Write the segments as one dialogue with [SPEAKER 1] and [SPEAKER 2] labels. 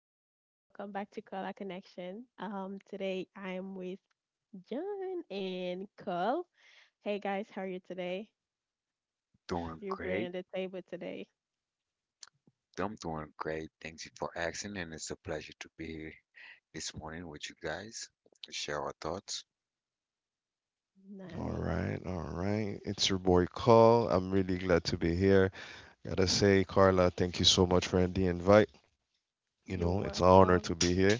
[SPEAKER 1] everybody. Welcome back to Color Connection. Today I am with John and Carl. Hey guys, how are you today?
[SPEAKER 2] Doing
[SPEAKER 1] You bring on
[SPEAKER 2] great.
[SPEAKER 1] the table today.
[SPEAKER 2] I'm doing great. Thank you for asking, and it's a pleasure to be here this morning with you guys to share our thoughts.
[SPEAKER 3] All
[SPEAKER 1] Nice.
[SPEAKER 3] right, all right. It's your boy Carl. I'm really glad to be here. Gotta say, Carla, thank you so much for the invite. You
[SPEAKER 1] You're
[SPEAKER 3] know, it's an honor to
[SPEAKER 1] welcome.
[SPEAKER 3] be here,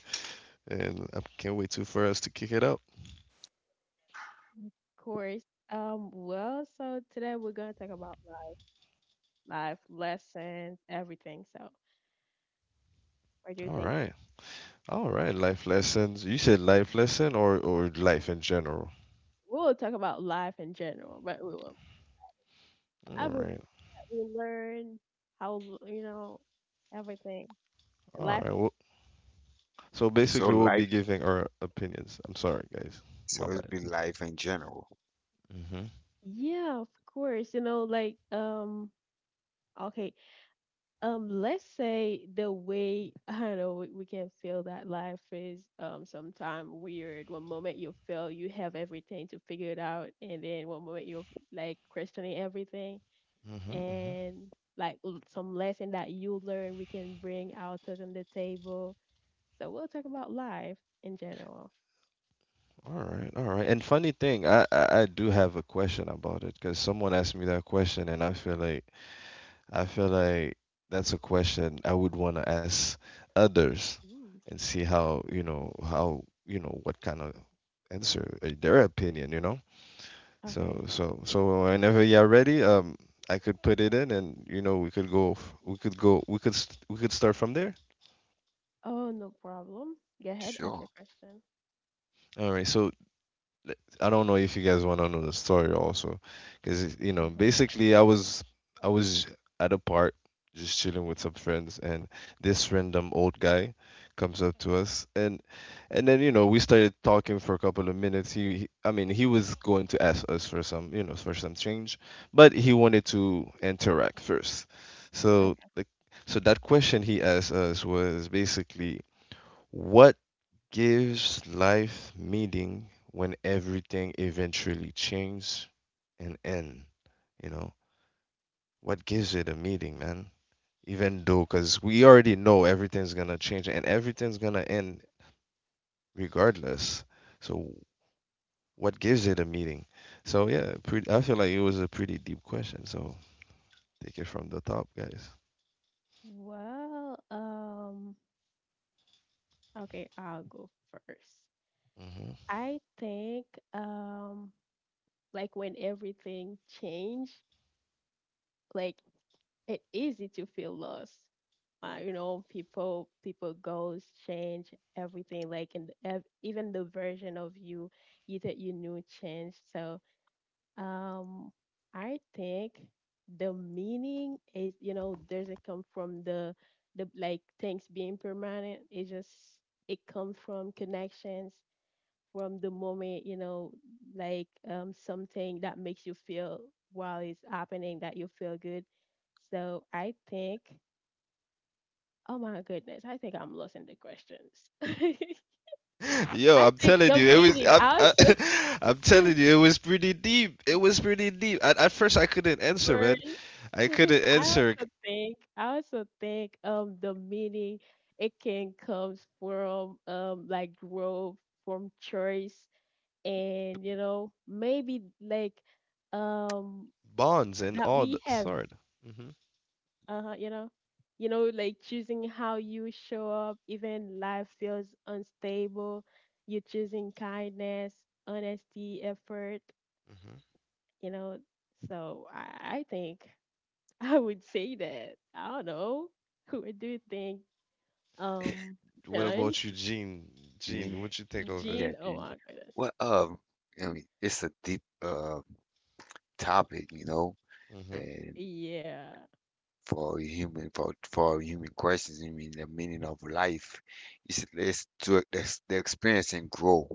[SPEAKER 3] and I can't wait to for us to kick it up.
[SPEAKER 1] Of course. Well, so today we're gonna talk about life, life lessons, everything. So, what do you
[SPEAKER 3] All
[SPEAKER 1] think?
[SPEAKER 3] right, all right. Life lessons. You said life lesson or life in general.
[SPEAKER 1] We'll talk about life in general, but we will
[SPEAKER 3] All
[SPEAKER 1] everything
[SPEAKER 3] right,
[SPEAKER 1] that we learn, how you know, everything.
[SPEAKER 3] all
[SPEAKER 1] Life.
[SPEAKER 3] right. Well, so basically,
[SPEAKER 2] So
[SPEAKER 3] we'll be
[SPEAKER 2] life,
[SPEAKER 3] giving our opinions. I'm sorry, guys. My
[SPEAKER 2] so it'd
[SPEAKER 3] bad.
[SPEAKER 2] be life in general.
[SPEAKER 3] Mm-hmm.
[SPEAKER 1] Yeah, of course. You know, like okay. Let's say the way I know we can feel that life is sometimes weird. One moment you feel you have everything to figure it out, and then one moment you're like questioning everything and like some lesson that you learn we can bring out to them the table. So we'll talk about life in general.
[SPEAKER 3] All right, all right. And funny thing, I do have a question about it because someone asked me that question, and I feel like I feel like that's a question I would want to ask others
[SPEAKER 1] Ooh.
[SPEAKER 3] and see how, you know, what kind of answer their opinion, you know.
[SPEAKER 1] Okay.
[SPEAKER 3] So whenever you're ready, I could put it in, and you know we could go f- we could go we could st- we could start from there.
[SPEAKER 1] Oh, no problem. Go ahead, ask
[SPEAKER 2] Sure.
[SPEAKER 1] your question.
[SPEAKER 3] All right. So I don't know if you guys want to know the story also, because you know,
[SPEAKER 1] Mm-hmm.
[SPEAKER 3] basically, I was at a park just chilling with some friends, and this random old guy comes up to us, and then you know we started talking for a couple of minutes. He I mean, he was going to ask us for some, you know, for some change, but he wanted to interact first. So like, so that question he asked us was basically, what gives life meaning when everything eventually changes and end, you know, what gives it a meaning, man, even though, because we already know everything's gonna change and everything's gonna end regardless. So what gives it a meaning? So yeah, pretty, I feel like it was a pretty deep question. So take it from the top, guys.
[SPEAKER 1] Well, okay, I'll go first.
[SPEAKER 3] Hmm.
[SPEAKER 1] I think, um, like when everything changed, like it easy to feel lost. You know, people, people goals change everything. Like, and even the version of you, you that you knew changed. So, Um, I think the meaning is, you know, doesn't come from the like things being permanent. It just it comes from connections from the moment, you know, like something that makes you feel while it's happening that you feel good. So I think, oh my goodness, I think I'm losing the questions. I
[SPEAKER 3] Yo, I'm
[SPEAKER 1] think
[SPEAKER 3] telling
[SPEAKER 1] the
[SPEAKER 3] you, it was.
[SPEAKER 1] meaning also
[SPEAKER 3] I'm telling you, it was pretty deep. It was pretty deep. At first, I couldn't answer, man. I couldn't answer
[SPEAKER 1] I also think the meaning it can comes from like growth from choice and you know maybe like um
[SPEAKER 3] bonds and
[SPEAKER 1] that
[SPEAKER 3] all the
[SPEAKER 1] we have
[SPEAKER 3] sort. Hmm,
[SPEAKER 1] uh you know you know like choosing how you show up even life feels unstable. You're choosing kindness, honesty, effort,
[SPEAKER 3] hmm.
[SPEAKER 1] you know. So I think I would say that. I don't know. Who do you think? Um,
[SPEAKER 3] What
[SPEAKER 1] John,
[SPEAKER 3] about you, Gene? Gene,
[SPEAKER 2] And
[SPEAKER 3] what you think of it?
[SPEAKER 2] yeah,
[SPEAKER 1] Jean. Oh
[SPEAKER 2] Jean.
[SPEAKER 1] my goodness.
[SPEAKER 2] Well, I mean, it's a deep topic, you know,
[SPEAKER 3] Hmm,
[SPEAKER 2] and
[SPEAKER 1] Yeah,
[SPEAKER 2] for human questions, I mean, the meaning of life is it's to it's the experience and grow.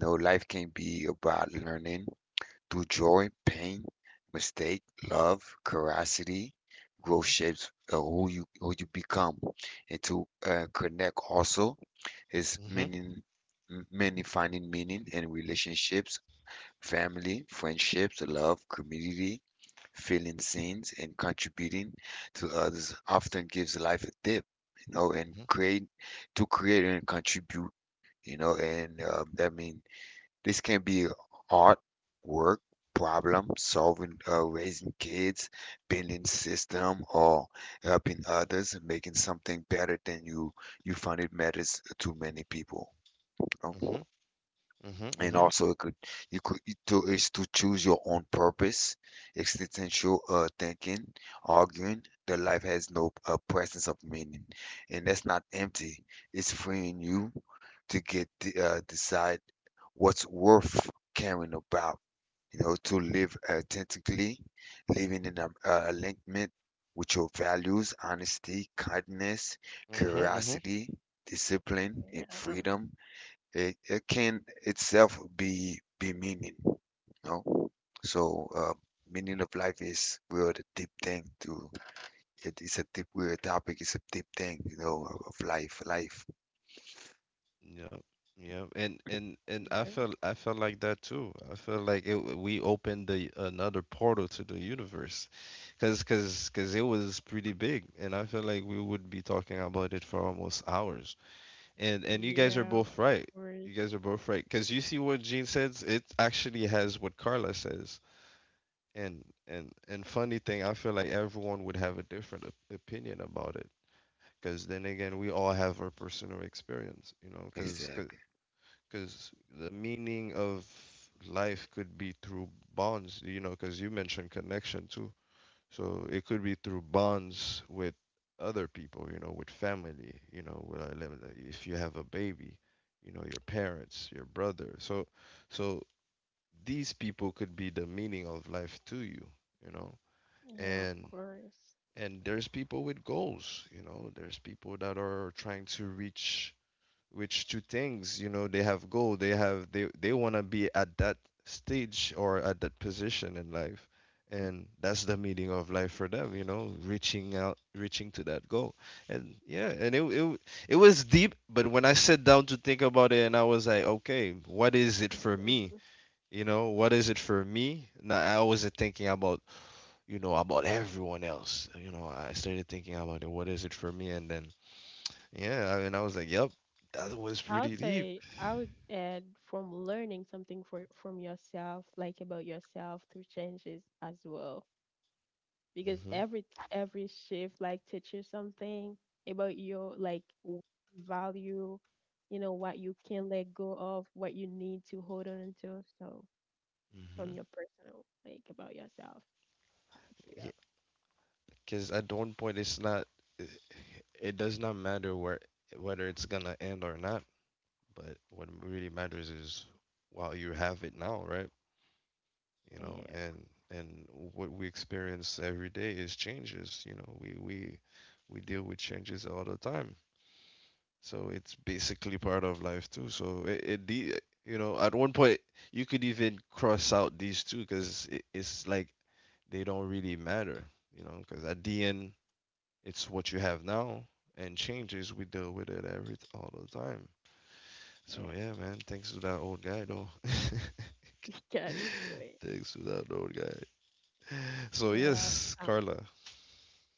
[SPEAKER 2] No, life can't be about learning through joy, pain, mistake, love, curiosity, growth shapes who you become. And to connect also is
[SPEAKER 3] hmm, hmm,
[SPEAKER 2] meaning. Many finding meaning in relationships, family, friendships, love, community, feeling seen and contributing to others often gives life a dip, you know, and
[SPEAKER 3] hmm,
[SPEAKER 2] create to create and contribute, you know, and that means this can be art, work, problem solving, raising kids, building system, or helping others, making something better than you. You find it matters to many people, you know.
[SPEAKER 3] hmm,
[SPEAKER 2] And
[SPEAKER 3] hmm,
[SPEAKER 2] also, it could you could it to is to choose your own purpose, existential thinking, arguing that life has no presence of meaning, and that's not empty. It's freeing you to get the decide what's worth caring about. You know, to live authentically, living in a alignment with your values, honesty, kindness,
[SPEAKER 3] hmm, hmm.
[SPEAKER 2] curiosity, discipline, and
[SPEAKER 1] yeah.
[SPEAKER 2] freedom. It can itself be meaning, you know. So meaning of life is real the deep thing. It's a deep real topic. It's a deep thing, you know, of life.
[SPEAKER 3] Yep, yep, and I
[SPEAKER 1] Nice.
[SPEAKER 3] felt, I felt like that too. I felt like it, we opened the another portal to the universe, cause it was pretty big, and I feel like we would be talking about it for almost hours. And you guys are
[SPEAKER 1] Yeah, of
[SPEAKER 3] both right.
[SPEAKER 1] course.
[SPEAKER 3] You guys are both right, cause you see what Gene says. It actually has what Carla says. And funny thing, I feel like everyone would have a different opinion about it, because then again we all have our personal experience, you know, cause
[SPEAKER 2] Exactly.
[SPEAKER 3] because the meaning of life could be through bonds, you know, because you mentioned connection too. So it could be through bonds with other people, you know, with family, you know, with, if you have a baby, you know, your parents, your brother. So, so these people could be the meaning of life to you, you know,
[SPEAKER 1] Yeah, of
[SPEAKER 3] and
[SPEAKER 1] course.
[SPEAKER 3] and there's people with goals, you know, there's people that are trying to reach, which two things, you know, they have goal, they have, they want to be at that stage or at that position in life, and that's the meaning of life for them, you know, reaching out, reaching to that goal. And yeah, and it was deep. But when I sat down to think about it, and I was like, okay, what is it for me, you know, what is it for me? Now I wasn't thinking about, you know, about everyone else, you know, I started thinking about it, what is it for me. And then yeah, I mean, I was like, yep, that was
[SPEAKER 1] I would
[SPEAKER 3] pretty deep.
[SPEAKER 1] say I would add from learning something for from yourself, like about yourself through changes as well. Because
[SPEAKER 3] Mm-hmm.
[SPEAKER 1] every shift like teaches something about your like value, you know, what you can let go of, what you need to hold on to. So from
[SPEAKER 3] Mm-hmm.
[SPEAKER 1] your personal like about yourself, I would say that.
[SPEAKER 3] Because at one point, it's not. It, it does not matter where whether it's gonna end or not. But what really matters is while you have it now, right? You know,
[SPEAKER 1] Yeah,
[SPEAKER 3] and what we experience every day is changes. You know, we deal with changes all the time. So it's basically part of life too. So it the, you know, at one point you could even cross out these two because it, it's like they don't really matter. You know, because at the end, it's what you have now, and changes, we deal with it every all the time.
[SPEAKER 1] yeah,
[SPEAKER 3] So yeah, man. Thanks to that old guy, though.
[SPEAKER 1] got into it.
[SPEAKER 3] Thanks to that old guy. So
[SPEAKER 1] Well,
[SPEAKER 3] yes,
[SPEAKER 1] um,
[SPEAKER 3] Carla.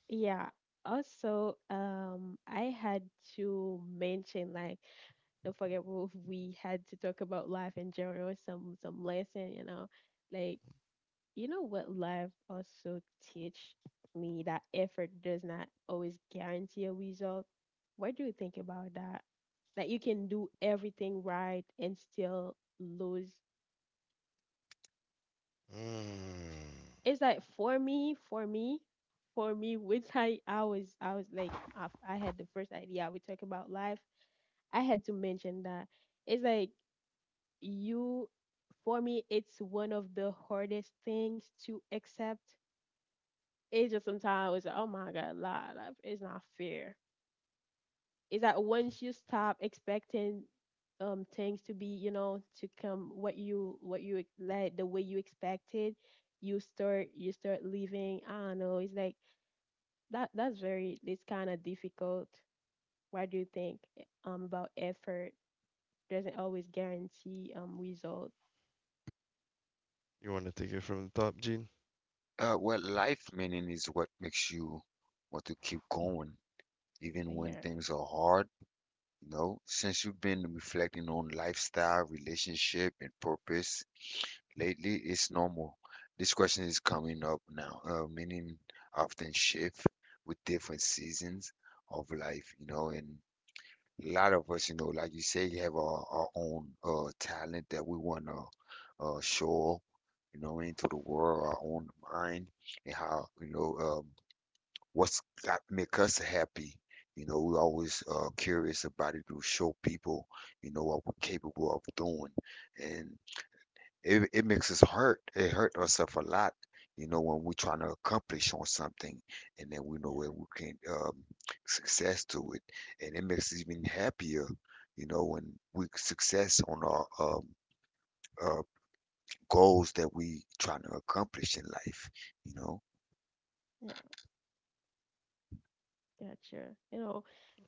[SPEAKER 1] yeah. Also, I had to mention like don't forget we had to talk about life in general, some lesson, you know, like. You know what life also teach me that effort does not always guarantee a result. What do you think about that? That you can do everything right and still lose.
[SPEAKER 3] Mm.
[SPEAKER 1] It's like for me, for me, for me, which I was I was like I had the first idea we talk about life. I had to mention that it's like you for me it's one of the hardest things to accept. It's just sometimes it's like, oh my god, lot it's not fair. It's like once you stop expecting things to be, you know, to come what you like the way you expected, you start living. I don't know. It's like that that's very it's kind of difficult. Why do you think about effort? Doesn't always guarantee result.
[SPEAKER 3] You want to take it from the top, Gene?
[SPEAKER 2] Well, life meaning is what makes you want to keep going, even when
[SPEAKER 1] Yeah,
[SPEAKER 2] things are hard. You know, since you've been reflecting on lifestyle, relationship, and purpose, lately, it's normal. This question is coming up now. Meaning often shift with different seasons of life, you know, and a lot of us, you know, like you say, you have our own talent that we want to show, you know, into the world, our own mind, and how, you know, what's got make us happy. You know, we're always curious about it to show people, you know, what we're capable of doing. And it makes us hurt. It hurt us up a lot, you know, when we're trying to accomplish on something and then we know
[SPEAKER 1] yeah,
[SPEAKER 2] where we can success to it. And it makes us even happier, you know, when we success on our uh, goals that we trying to accomplish in life, you know.
[SPEAKER 1] yeah. Gotcha. You know,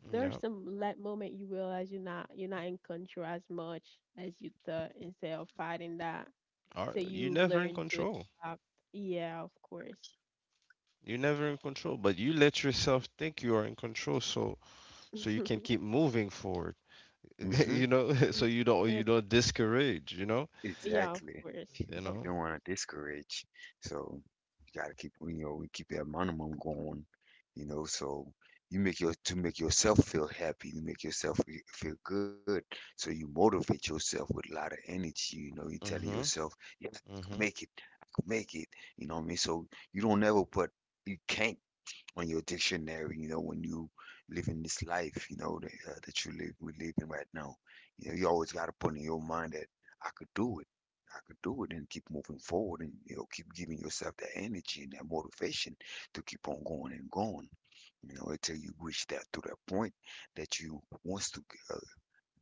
[SPEAKER 1] there's
[SPEAKER 3] Yeah.
[SPEAKER 1] some like moment you realize you're not in control as much as you thought instead of fighting that.
[SPEAKER 3] All
[SPEAKER 1] So
[SPEAKER 3] right. You're
[SPEAKER 1] you
[SPEAKER 3] never in
[SPEAKER 1] learn to
[SPEAKER 3] control.
[SPEAKER 1] adapt. Yeah, of course.
[SPEAKER 3] You're never in control, but you let yourself think you are in control, so so you can keep moving forward.
[SPEAKER 2] Hmm.
[SPEAKER 3] You know, so
[SPEAKER 1] yeah,
[SPEAKER 3] you don't discourage. You know,
[SPEAKER 1] yeah, of
[SPEAKER 2] Exactly.
[SPEAKER 1] course.
[SPEAKER 3] you
[SPEAKER 1] Of
[SPEAKER 2] You
[SPEAKER 3] know.
[SPEAKER 2] don't
[SPEAKER 1] course.
[SPEAKER 2] want to discourage. So you got to keep, you know, we keep that minimum going, you know, so you make to make yourself feel happy, you make yourself feel good. So you motivate yourself with a lot of energy, you know, you're telling
[SPEAKER 3] Mhm.
[SPEAKER 2] yourself, yes, I can
[SPEAKER 3] Mhm.
[SPEAKER 2] make it, I can make it, you know what I mean? So you don't ever put, you can't on your dictionary, you know, when you live in this life, you know, that you live, we live in right now. You know, you always got to put in your mind that I could do it. I could do it and keep moving forward and, you know, keep giving yourself that energy and that motivation to keep on going and going, you know, until you reach that point that you wants to uh,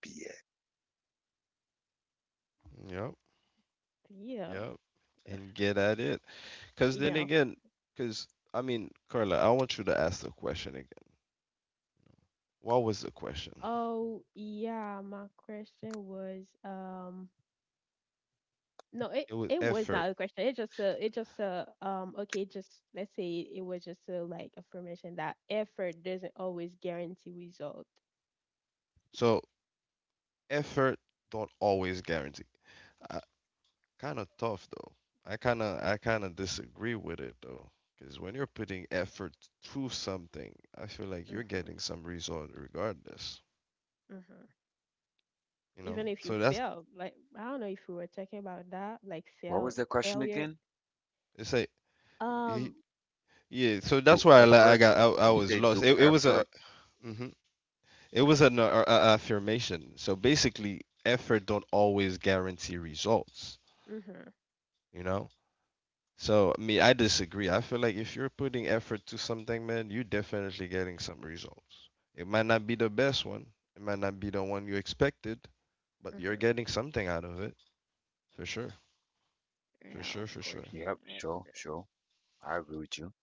[SPEAKER 2] be at.
[SPEAKER 3] Yep.
[SPEAKER 1] Yeah.
[SPEAKER 3] Yep. And get at it. Because then
[SPEAKER 1] Yeah.
[SPEAKER 3] again, because I mean, Carla, I want you to ask the question again. What was the question?
[SPEAKER 1] Oh, yeah, my question was no, it
[SPEAKER 3] It was
[SPEAKER 1] it was
[SPEAKER 3] effort.
[SPEAKER 1] not a question. It just a okay, just let's say it was just a like affirmation that effort doesn't always guarantee result.
[SPEAKER 3] So effort don't always guarantee. I, kind of tough though. I kind of disagree with it though. Because when you're putting effort through something, I feel like you're
[SPEAKER 1] Mhm,
[SPEAKER 3] getting some result regardless.
[SPEAKER 1] mhm.
[SPEAKER 3] You know.
[SPEAKER 1] Even if you
[SPEAKER 3] So that's
[SPEAKER 1] fail, like I don't know if we were talking about that, like
[SPEAKER 2] What was
[SPEAKER 1] fail
[SPEAKER 2] the question
[SPEAKER 1] failure.
[SPEAKER 2] again?
[SPEAKER 3] it's like y-
[SPEAKER 1] Um,
[SPEAKER 3] yeah. So
[SPEAKER 2] Do
[SPEAKER 3] that's why I, li- I
[SPEAKER 2] effort.
[SPEAKER 3] got I
[SPEAKER 2] You
[SPEAKER 3] was
[SPEAKER 2] say
[SPEAKER 3] lost.
[SPEAKER 2] do
[SPEAKER 3] It was a
[SPEAKER 2] effort.
[SPEAKER 3] mhm. It was an affirmation. So basically, effort don't always guarantee results,
[SPEAKER 1] mhm.
[SPEAKER 3] you know? So, me, I disagree. I feel like if you're putting effort to something, man, you're definitely getting some results. It might not be the best one, it might not be the one you expected, but you're
[SPEAKER 1] Mhm.
[SPEAKER 3] getting something out of it for sure. For
[SPEAKER 1] Yeah, of
[SPEAKER 3] sure, for
[SPEAKER 1] course.
[SPEAKER 3] sure.
[SPEAKER 2] Yep,
[SPEAKER 1] I
[SPEAKER 2] sure,
[SPEAKER 1] agree.
[SPEAKER 2] sure. I agree with you.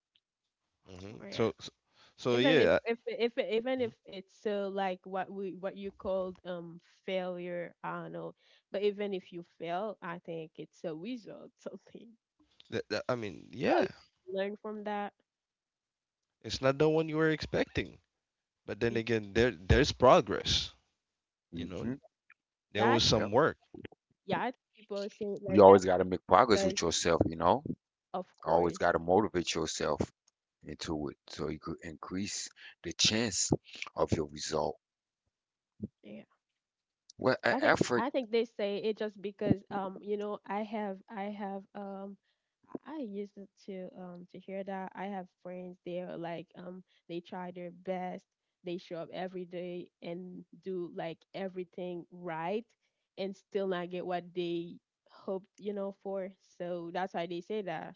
[SPEAKER 3] Hmm.
[SPEAKER 1] Oh yeah.
[SPEAKER 3] So
[SPEAKER 1] Even
[SPEAKER 3] yeah.
[SPEAKER 1] if even
[SPEAKER 3] Mhm.
[SPEAKER 1] if it's so like what we what you called failure, I don't know. But even if you fail, I think it's a result something.
[SPEAKER 3] I mean,
[SPEAKER 1] Well,
[SPEAKER 3] yeah,
[SPEAKER 1] you learn from that.
[SPEAKER 3] it's not the one you were expecting, but then
[SPEAKER 1] Yeah,
[SPEAKER 3] again, there there's progress, you
[SPEAKER 2] Mm-hmm.
[SPEAKER 3] know? There was
[SPEAKER 1] that
[SPEAKER 3] some
[SPEAKER 2] Yep.
[SPEAKER 3] work.
[SPEAKER 1] yeah, I think people say it
[SPEAKER 2] You
[SPEAKER 1] like that
[SPEAKER 2] always got to make progress
[SPEAKER 1] because
[SPEAKER 2] with yourself, you know?
[SPEAKER 1] of
[SPEAKER 2] Always
[SPEAKER 1] course.
[SPEAKER 2] got to motivate yourself into it so you could increase the chance of your result.
[SPEAKER 1] Yeah.
[SPEAKER 2] Well, e- effort,
[SPEAKER 1] I think they say it just because you know I have I have I used to hear that I have friends they're like they try their best, they show up every day and do like everything right and still not get what they hoped you know for. So that's why they say that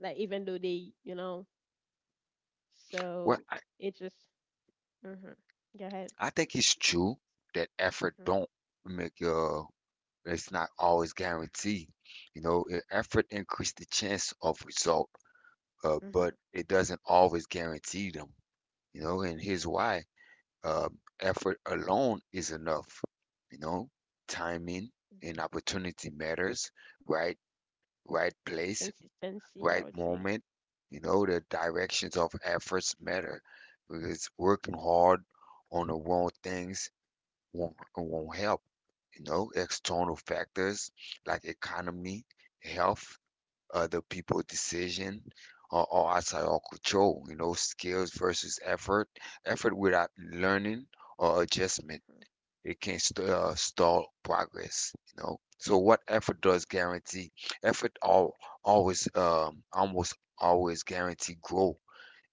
[SPEAKER 1] like even though they you know.
[SPEAKER 2] well,
[SPEAKER 1] So it just mhm go ahead
[SPEAKER 2] I think it's true that effort
[SPEAKER 1] mhm
[SPEAKER 2] don't make your, it's not always guaranteed. You know, effort increase the chance of result, but
[SPEAKER 1] mhm
[SPEAKER 2] it doesn't always guarantee them, you know. And here's why: uh, effort alone is enough, you know. Timing
[SPEAKER 1] mhm
[SPEAKER 2] and opportunity matters, right? Right place,
[SPEAKER 1] consistency I
[SPEAKER 2] right
[SPEAKER 1] would say.
[SPEAKER 2] moment. You know the directions of efforts matter because working hard on the wrong things won't help. You know external factors like economy, health, other people decision or outside our control, you know, skills versus effort. Effort without learning or adjustment,
[SPEAKER 1] Mm-hmm.
[SPEAKER 2] it can stall progress, you know. So what effort does guarantee? Effort almost always guarantee growth,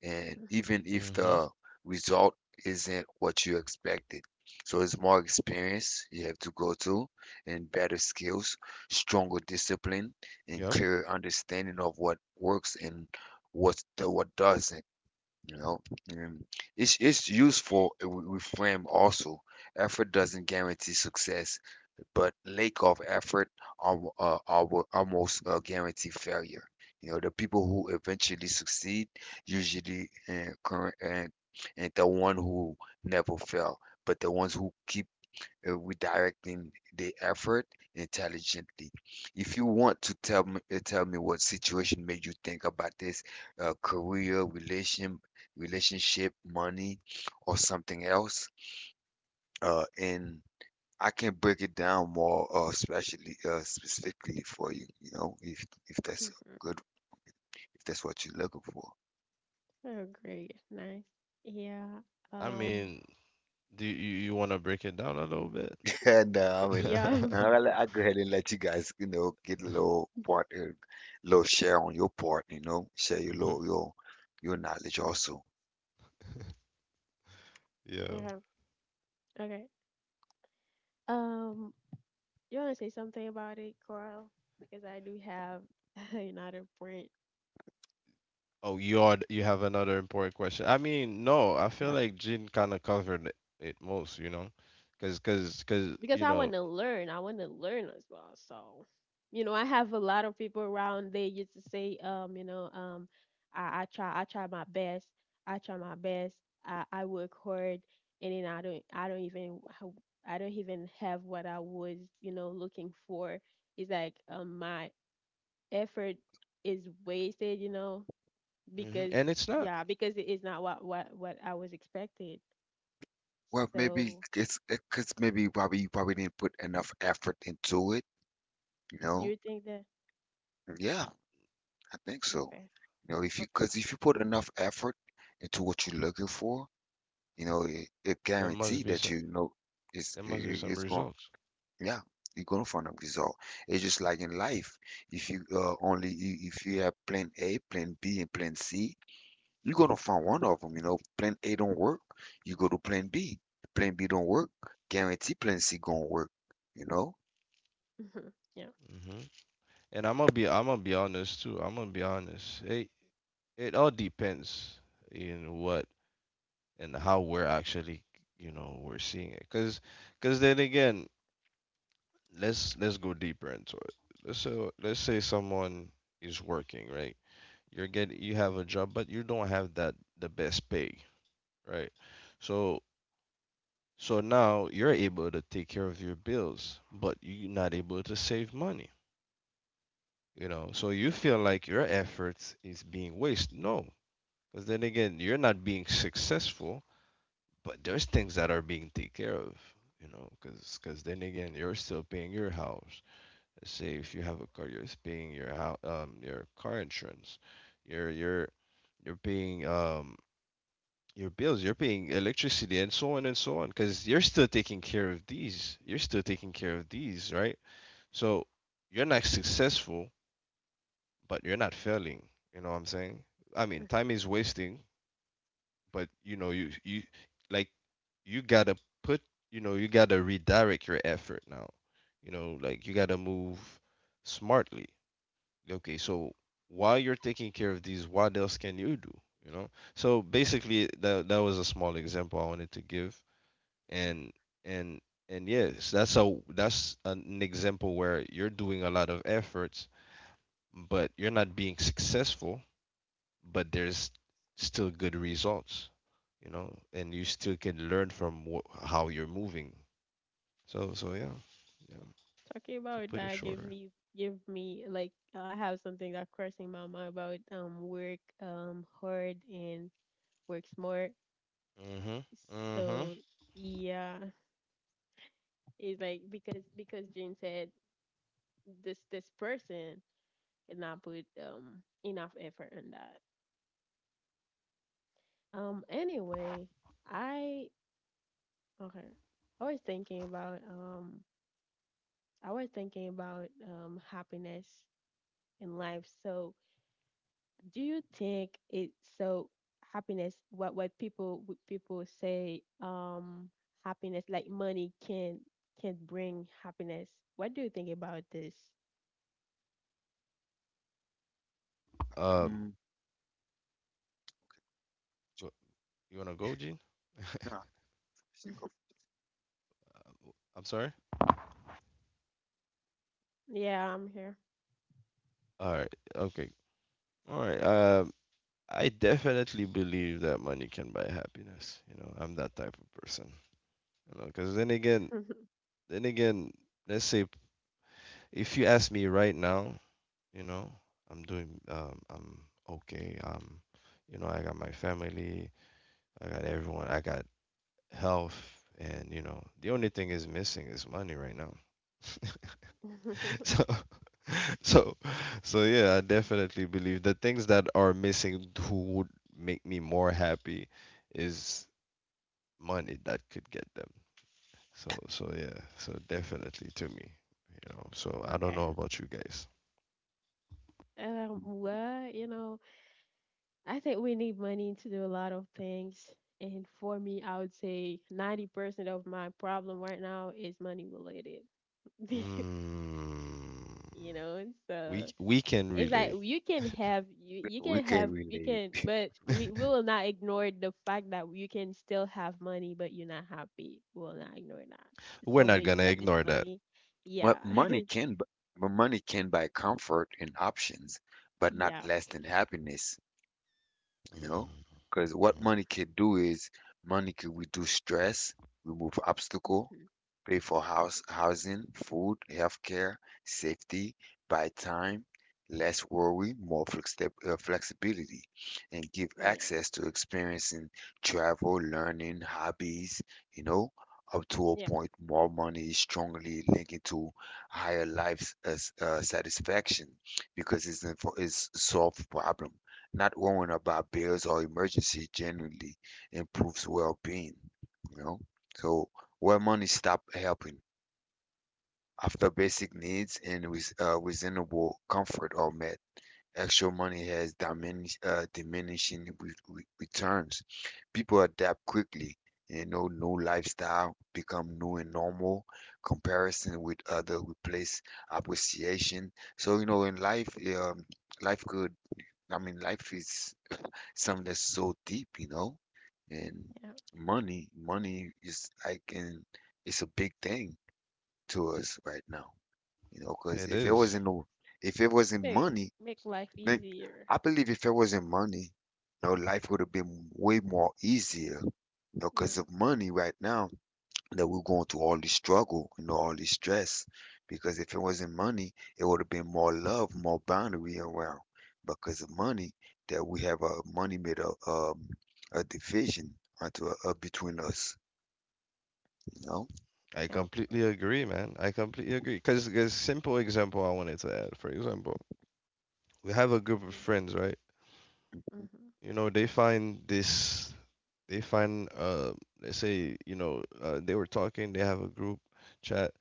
[SPEAKER 2] and
[SPEAKER 1] Mhm,
[SPEAKER 2] even if
[SPEAKER 3] Mm-hmm.
[SPEAKER 2] the result isn't what you expected. So it's more experience you have to go to and better skills, stronger discipline, and
[SPEAKER 3] Yep.
[SPEAKER 2] clearer understanding of what works and what doesn't. You know, and it's useful with frame also. Effort doesn't guarantee success, but lack of effort almost guarantee failure. You know, the people who eventually succeed usually and current, and the one who never fail, but the ones who keep redirecting the effort intelligently. If you want to tell me, what situation made you think about this, career, relationship, money, or something else, in I can break it down more, especially specifically for you, you know, if that's
[SPEAKER 1] mhm.
[SPEAKER 2] good, if that's what you're looking for.
[SPEAKER 1] Oh, great. Nice. Yeah.
[SPEAKER 3] I
[SPEAKER 1] Um,
[SPEAKER 3] mean, do you, you want to break it down a little bit?
[SPEAKER 2] And I mean,
[SPEAKER 1] yeah.
[SPEAKER 2] I'll, I'll go ahead and let you guys, you know, get a little part a little share on your part, you know, share your
[SPEAKER 3] Mm-hmm.
[SPEAKER 2] little your knowledge also.
[SPEAKER 3] Yeah.
[SPEAKER 1] Okay. Okay. Um, you want to say something about it, Carl? Because I do have another point
[SPEAKER 3] Oh, you are, you have another important question. I mean, no, I feel like Jin kind of covered it it most, you know, because
[SPEAKER 1] because
[SPEAKER 3] you
[SPEAKER 1] I
[SPEAKER 3] know,
[SPEAKER 1] want to learn. I want to learn as well. So, you know, I have a lot of people around. They used to say, you know, I try, I try my best. I try my best. I work hard, and then I don't, I don't even have what I was, you know, looking for. It's like my effort is wasted, you know,
[SPEAKER 3] hmm
[SPEAKER 1] because
[SPEAKER 3] and it's not.
[SPEAKER 1] yeah, because it is not what what I was expected.
[SPEAKER 2] Well, maybe
[SPEAKER 1] So,
[SPEAKER 2] it's because maybe probably you probably didn't put enough effort into it, you
[SPEAKER 1] do
[SPEAKER 2] know.
[SPEAKER 1] you think that?
[SPEAKER 2] Yeah. I think so.
[SPEAKER 1] Okay,
[SPEAKER 2] You know, if you because if you put enough effort into what you're looking for, you know, it
[SPEAKER 3] There must
[SPEAKER 2] guaranteed
[SPEAKER 3] be
[SPEAKER 2] that
[SPEAKER 3] some.
[SPEAKER 2] you know, it's
[SPEAKER 3] There must be
[SPEAKER 2] it-
[SPEAKER 3] some
[SPEAKER 2] it's going.
[SPEAKER 3] results.
[SPEAKER 2] Yeah, you're going to find a result. It's just like in life. If you have plan A, plan B, and plan C, you're going to find one of them. You know, plan A don't work, you go to plan B. Plan B don't work, guarantee plan C gonna work. You know.
[SPEAKER 1] okay. yeah.
[SPEAKER 3] Hmm. And I'm gonna be honest too. I'm gonna be honest. It all depends in what and how we're actually, you know, we're seeing it. Because then again, let's go deeper into it. Let's So let's say someone is working, right? You're getting, you have a job, but you don't have that the best pay, right? So so now you're able to take care of your bills, but you're not able to save money. You know, so you feel like your efforts is being wasted? No. Because then again, you're not being successful. But there's things that are being taken care of, you know, because then again, you're still paying your house. Let's say if you have a car, you're paying your house, your car insurance. You're you're you're paying your bills. You're paying electricity and so on and so on. Because you're still taking care of these. You're still taking care of these, right? So you're not successful, but you're not failing. You know what I'm saying? I mean, time is wasting, but you know you you like you gotta put, you know, you gotta redirect your effort now, you know, like you gotta move smartly. Okay, so while you're taking care of these, what else can you do, you know? So basically that was a small example I wanted to give. And and and yes, that's a, that's an example where you're doing a lot of efforts, but you're not being successful, but there's still good results, you know, and you still can learn from how you're moving. So, so yeah, yeah. To
[SPEAKER 1] Talking about
[SPEAKER 3] put it
[SPEAKER 1] that gave
[SPEAKER 3] shorter.
[SPEAKER 1] me give me like I have something that crossing my mind about work hard and work smart.
[SPEAKER 3] Mhm. Mhm.
[SPEAKER 1] So yeah, it's like because Jane said this this person did not put enough effort in that. Anyway, I okay. I was thinking about I was thinking about happiness in life. So do you think it's so happiness what people say happiness like money can bring happiness? What do you think about this?
[SPEAKER 3] Um,
[SPEAKER 2] Um,
[SPEAKER 3] go- you wanna go, Gene?
[SPEAKER 2] no, think of-
[SPEAKER 3] Uh, I'm sorry.
[SPEAKER 1] Yeah, I'm here.
[SPEAKER 3] All right. Okay. All right. I definitely believe that money can buy happiness. You know, I'm that type of person. You know, because then again, let's say if you ask me right now, you know, I'm doing I'm okay. Um, you know, I got my family, I got everyone, I got health, and you know, the only thing is missing is money right now. So so so yeah, I definitely believe the things that are missing who would make me more happy is money that could get them. So yeah. So definitely, to me, you know. So I don't
[SPEAKER 1] Okay,
[SPEAKER 3] know about you guys.
[SPEAKER 1] well, you know, I think we need money to do a lot of things, and for me I would say 90% of my problem right now is money related.
[SPEAKER 3] Mm,
[SPEAKER 1] You know. So
[SPEAKER 3] we can
[SPEAKER 1] it's like
[SPEAKER 3] relate.
[SPEAKER 1] you can have you, you
[SPEAKER 2] we
[SPEAKER 1] can
[SPEAKER 2] can
[SPEAKER 1] have you can
[SPEAKER 2] relate.
[SPEAKER 1] but we will not ignore the fact that you can still have money but you're not happy. We will not ignore that.
[SPEAKER 3] We're
[SPEAKER 1] Some
[SPEAKER 3] not
[SPEAKER 1] way you
[SPEAKER 3] gonna
[SPEAKER 1] get this
[SPEAKER 3] ignore that.
[SPEAKER 1] money.
[SPEAKER 2] Well,
[SPEAKER 1] Yeah.
[SPEAKER 2] money can bu- but money can buy comfort and options, but not
[SPEAKER 1] yeah, of
[SPEAKER 2] lasting
[SPEAKER 1] course.
[SPEAKER 2] happiness. You know,
[SPEAKER 3] Mhm.
[SPEAKER 2] because what money can do is money can reduce stress, remove
[SPEAKER 1] Hmm
[SPEAKER 2] obstacle,
[SPEAKER 1] hmm
[SPEAKER 2] pay for house housing, food, healthcare, safety, buy time, less worry, more flexibility, and give
[SPEAKER 1] Yeah.
[SPEAKER 2] access to experiencing travel, learning, hobbies. You know, up to a
[SPEAKER 1] Yeah.
[SPEAKER 2] point, more money is strongly linked to higher life satisfaction because it's solve problem, not worrying about bills or emergency, generally improves well-being, you know. So where money stop helping, after basic needs and with reasonable comfort are met, extra money has diminishing returns. People adapt quickly. You know, new lifestyle become new and normal. Comparison with other replace appreciation. So you know, in life, um, life could. I mean, life is something that's so deep, you know. And
[SPEAKER 1] Yeah.
[SPEAKER 2] money is like an it's a big thing to us right now, you know. Because
[SPEAKER 3] It
[SPEAKER 2] if it
[SPEAKER 3] is.
[SPEAKER 1] Yeah.
[SPEAKER 2] wasn't no, if it wasn't
[SPEAKER 1] Make
[SPEAKER 2] money,
[SPEAKER 1] make life
[SPEAKER 2] then
[SPEAKER 1] easier.
[SPEAKER 2] I believe if it wasn't money, you know, life would have been way more easier, you know, because
[SPEAKER 1] Yeah.
[SPEAKER 2] of money right now that we're going through all this struggle, you know, all this stress. Because if it wasn't money, it would have been more love, more boundary around. Because of money, that we have a money made a division onto up between us, you know.
[SPEAKER 3] I
[SPEAKER 1] Yeah, of course.
[SPEAKER 3] completely agree, man. I completely agree. Cause cause simple example I wanted to add. For example, we have a group of
[SPEAKER 1] Hmm
[SPEAKER 3] friends, right?
[SPEAKER 2] Hmm.
[SPEAKER 1] hmm
[SPEAKER 3] You know, they find this. They find let's say you know, they were talking. They have a group chat.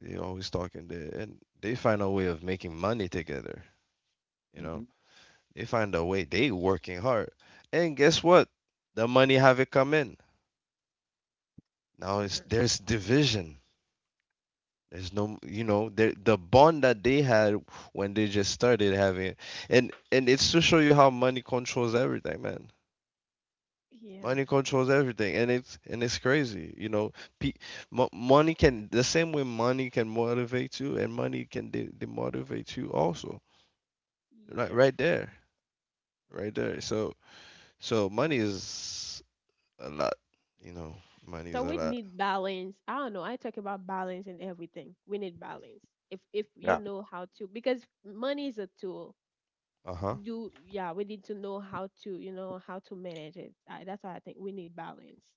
[SPEAKER 3] They always talking there, and they find a way of making money together. You
[SPEAKER 2] Hmm.
[SPEAKER 3] know, they find a way. They working hard, and guess what? The money have it come in. Now it's
[SPEAKER 1] hmm
[SPEAKER 3] there's division. There's no, you know, the bond that they had when they just started having it, and it's to show you how money controls everything, man.
[SPEAKER 1] Yeah.
[SPEAKER 3] Money controls everything, and it's crazy, you know. Pe- money can the same way money can motivate you, and money can demotivate you also. Right,
[SPEAKER 1] Yeah, of
[SPEAKER 3] right there,
[SPEAKER 1] course.
[SPEAKER 3] right there. So money is a lot, you know. Money is
[SPEAKER 1] So
[SPEAKER 3] a
[SPEAKER 1] we
[SPEAKER 3] lot.
[SPEAKER 1] need balance. I don't know. I talk about balance in everything. We need balance. If you
[SPEAKER 2] Yeah.
[SPEAKER 1] know how to, because money is a tool.
[SPEAKER 3] Uh huh.
[SPEAKER 1] You yeah, we need to know how to, you know, how to manage it. I, that's why I think we need balance.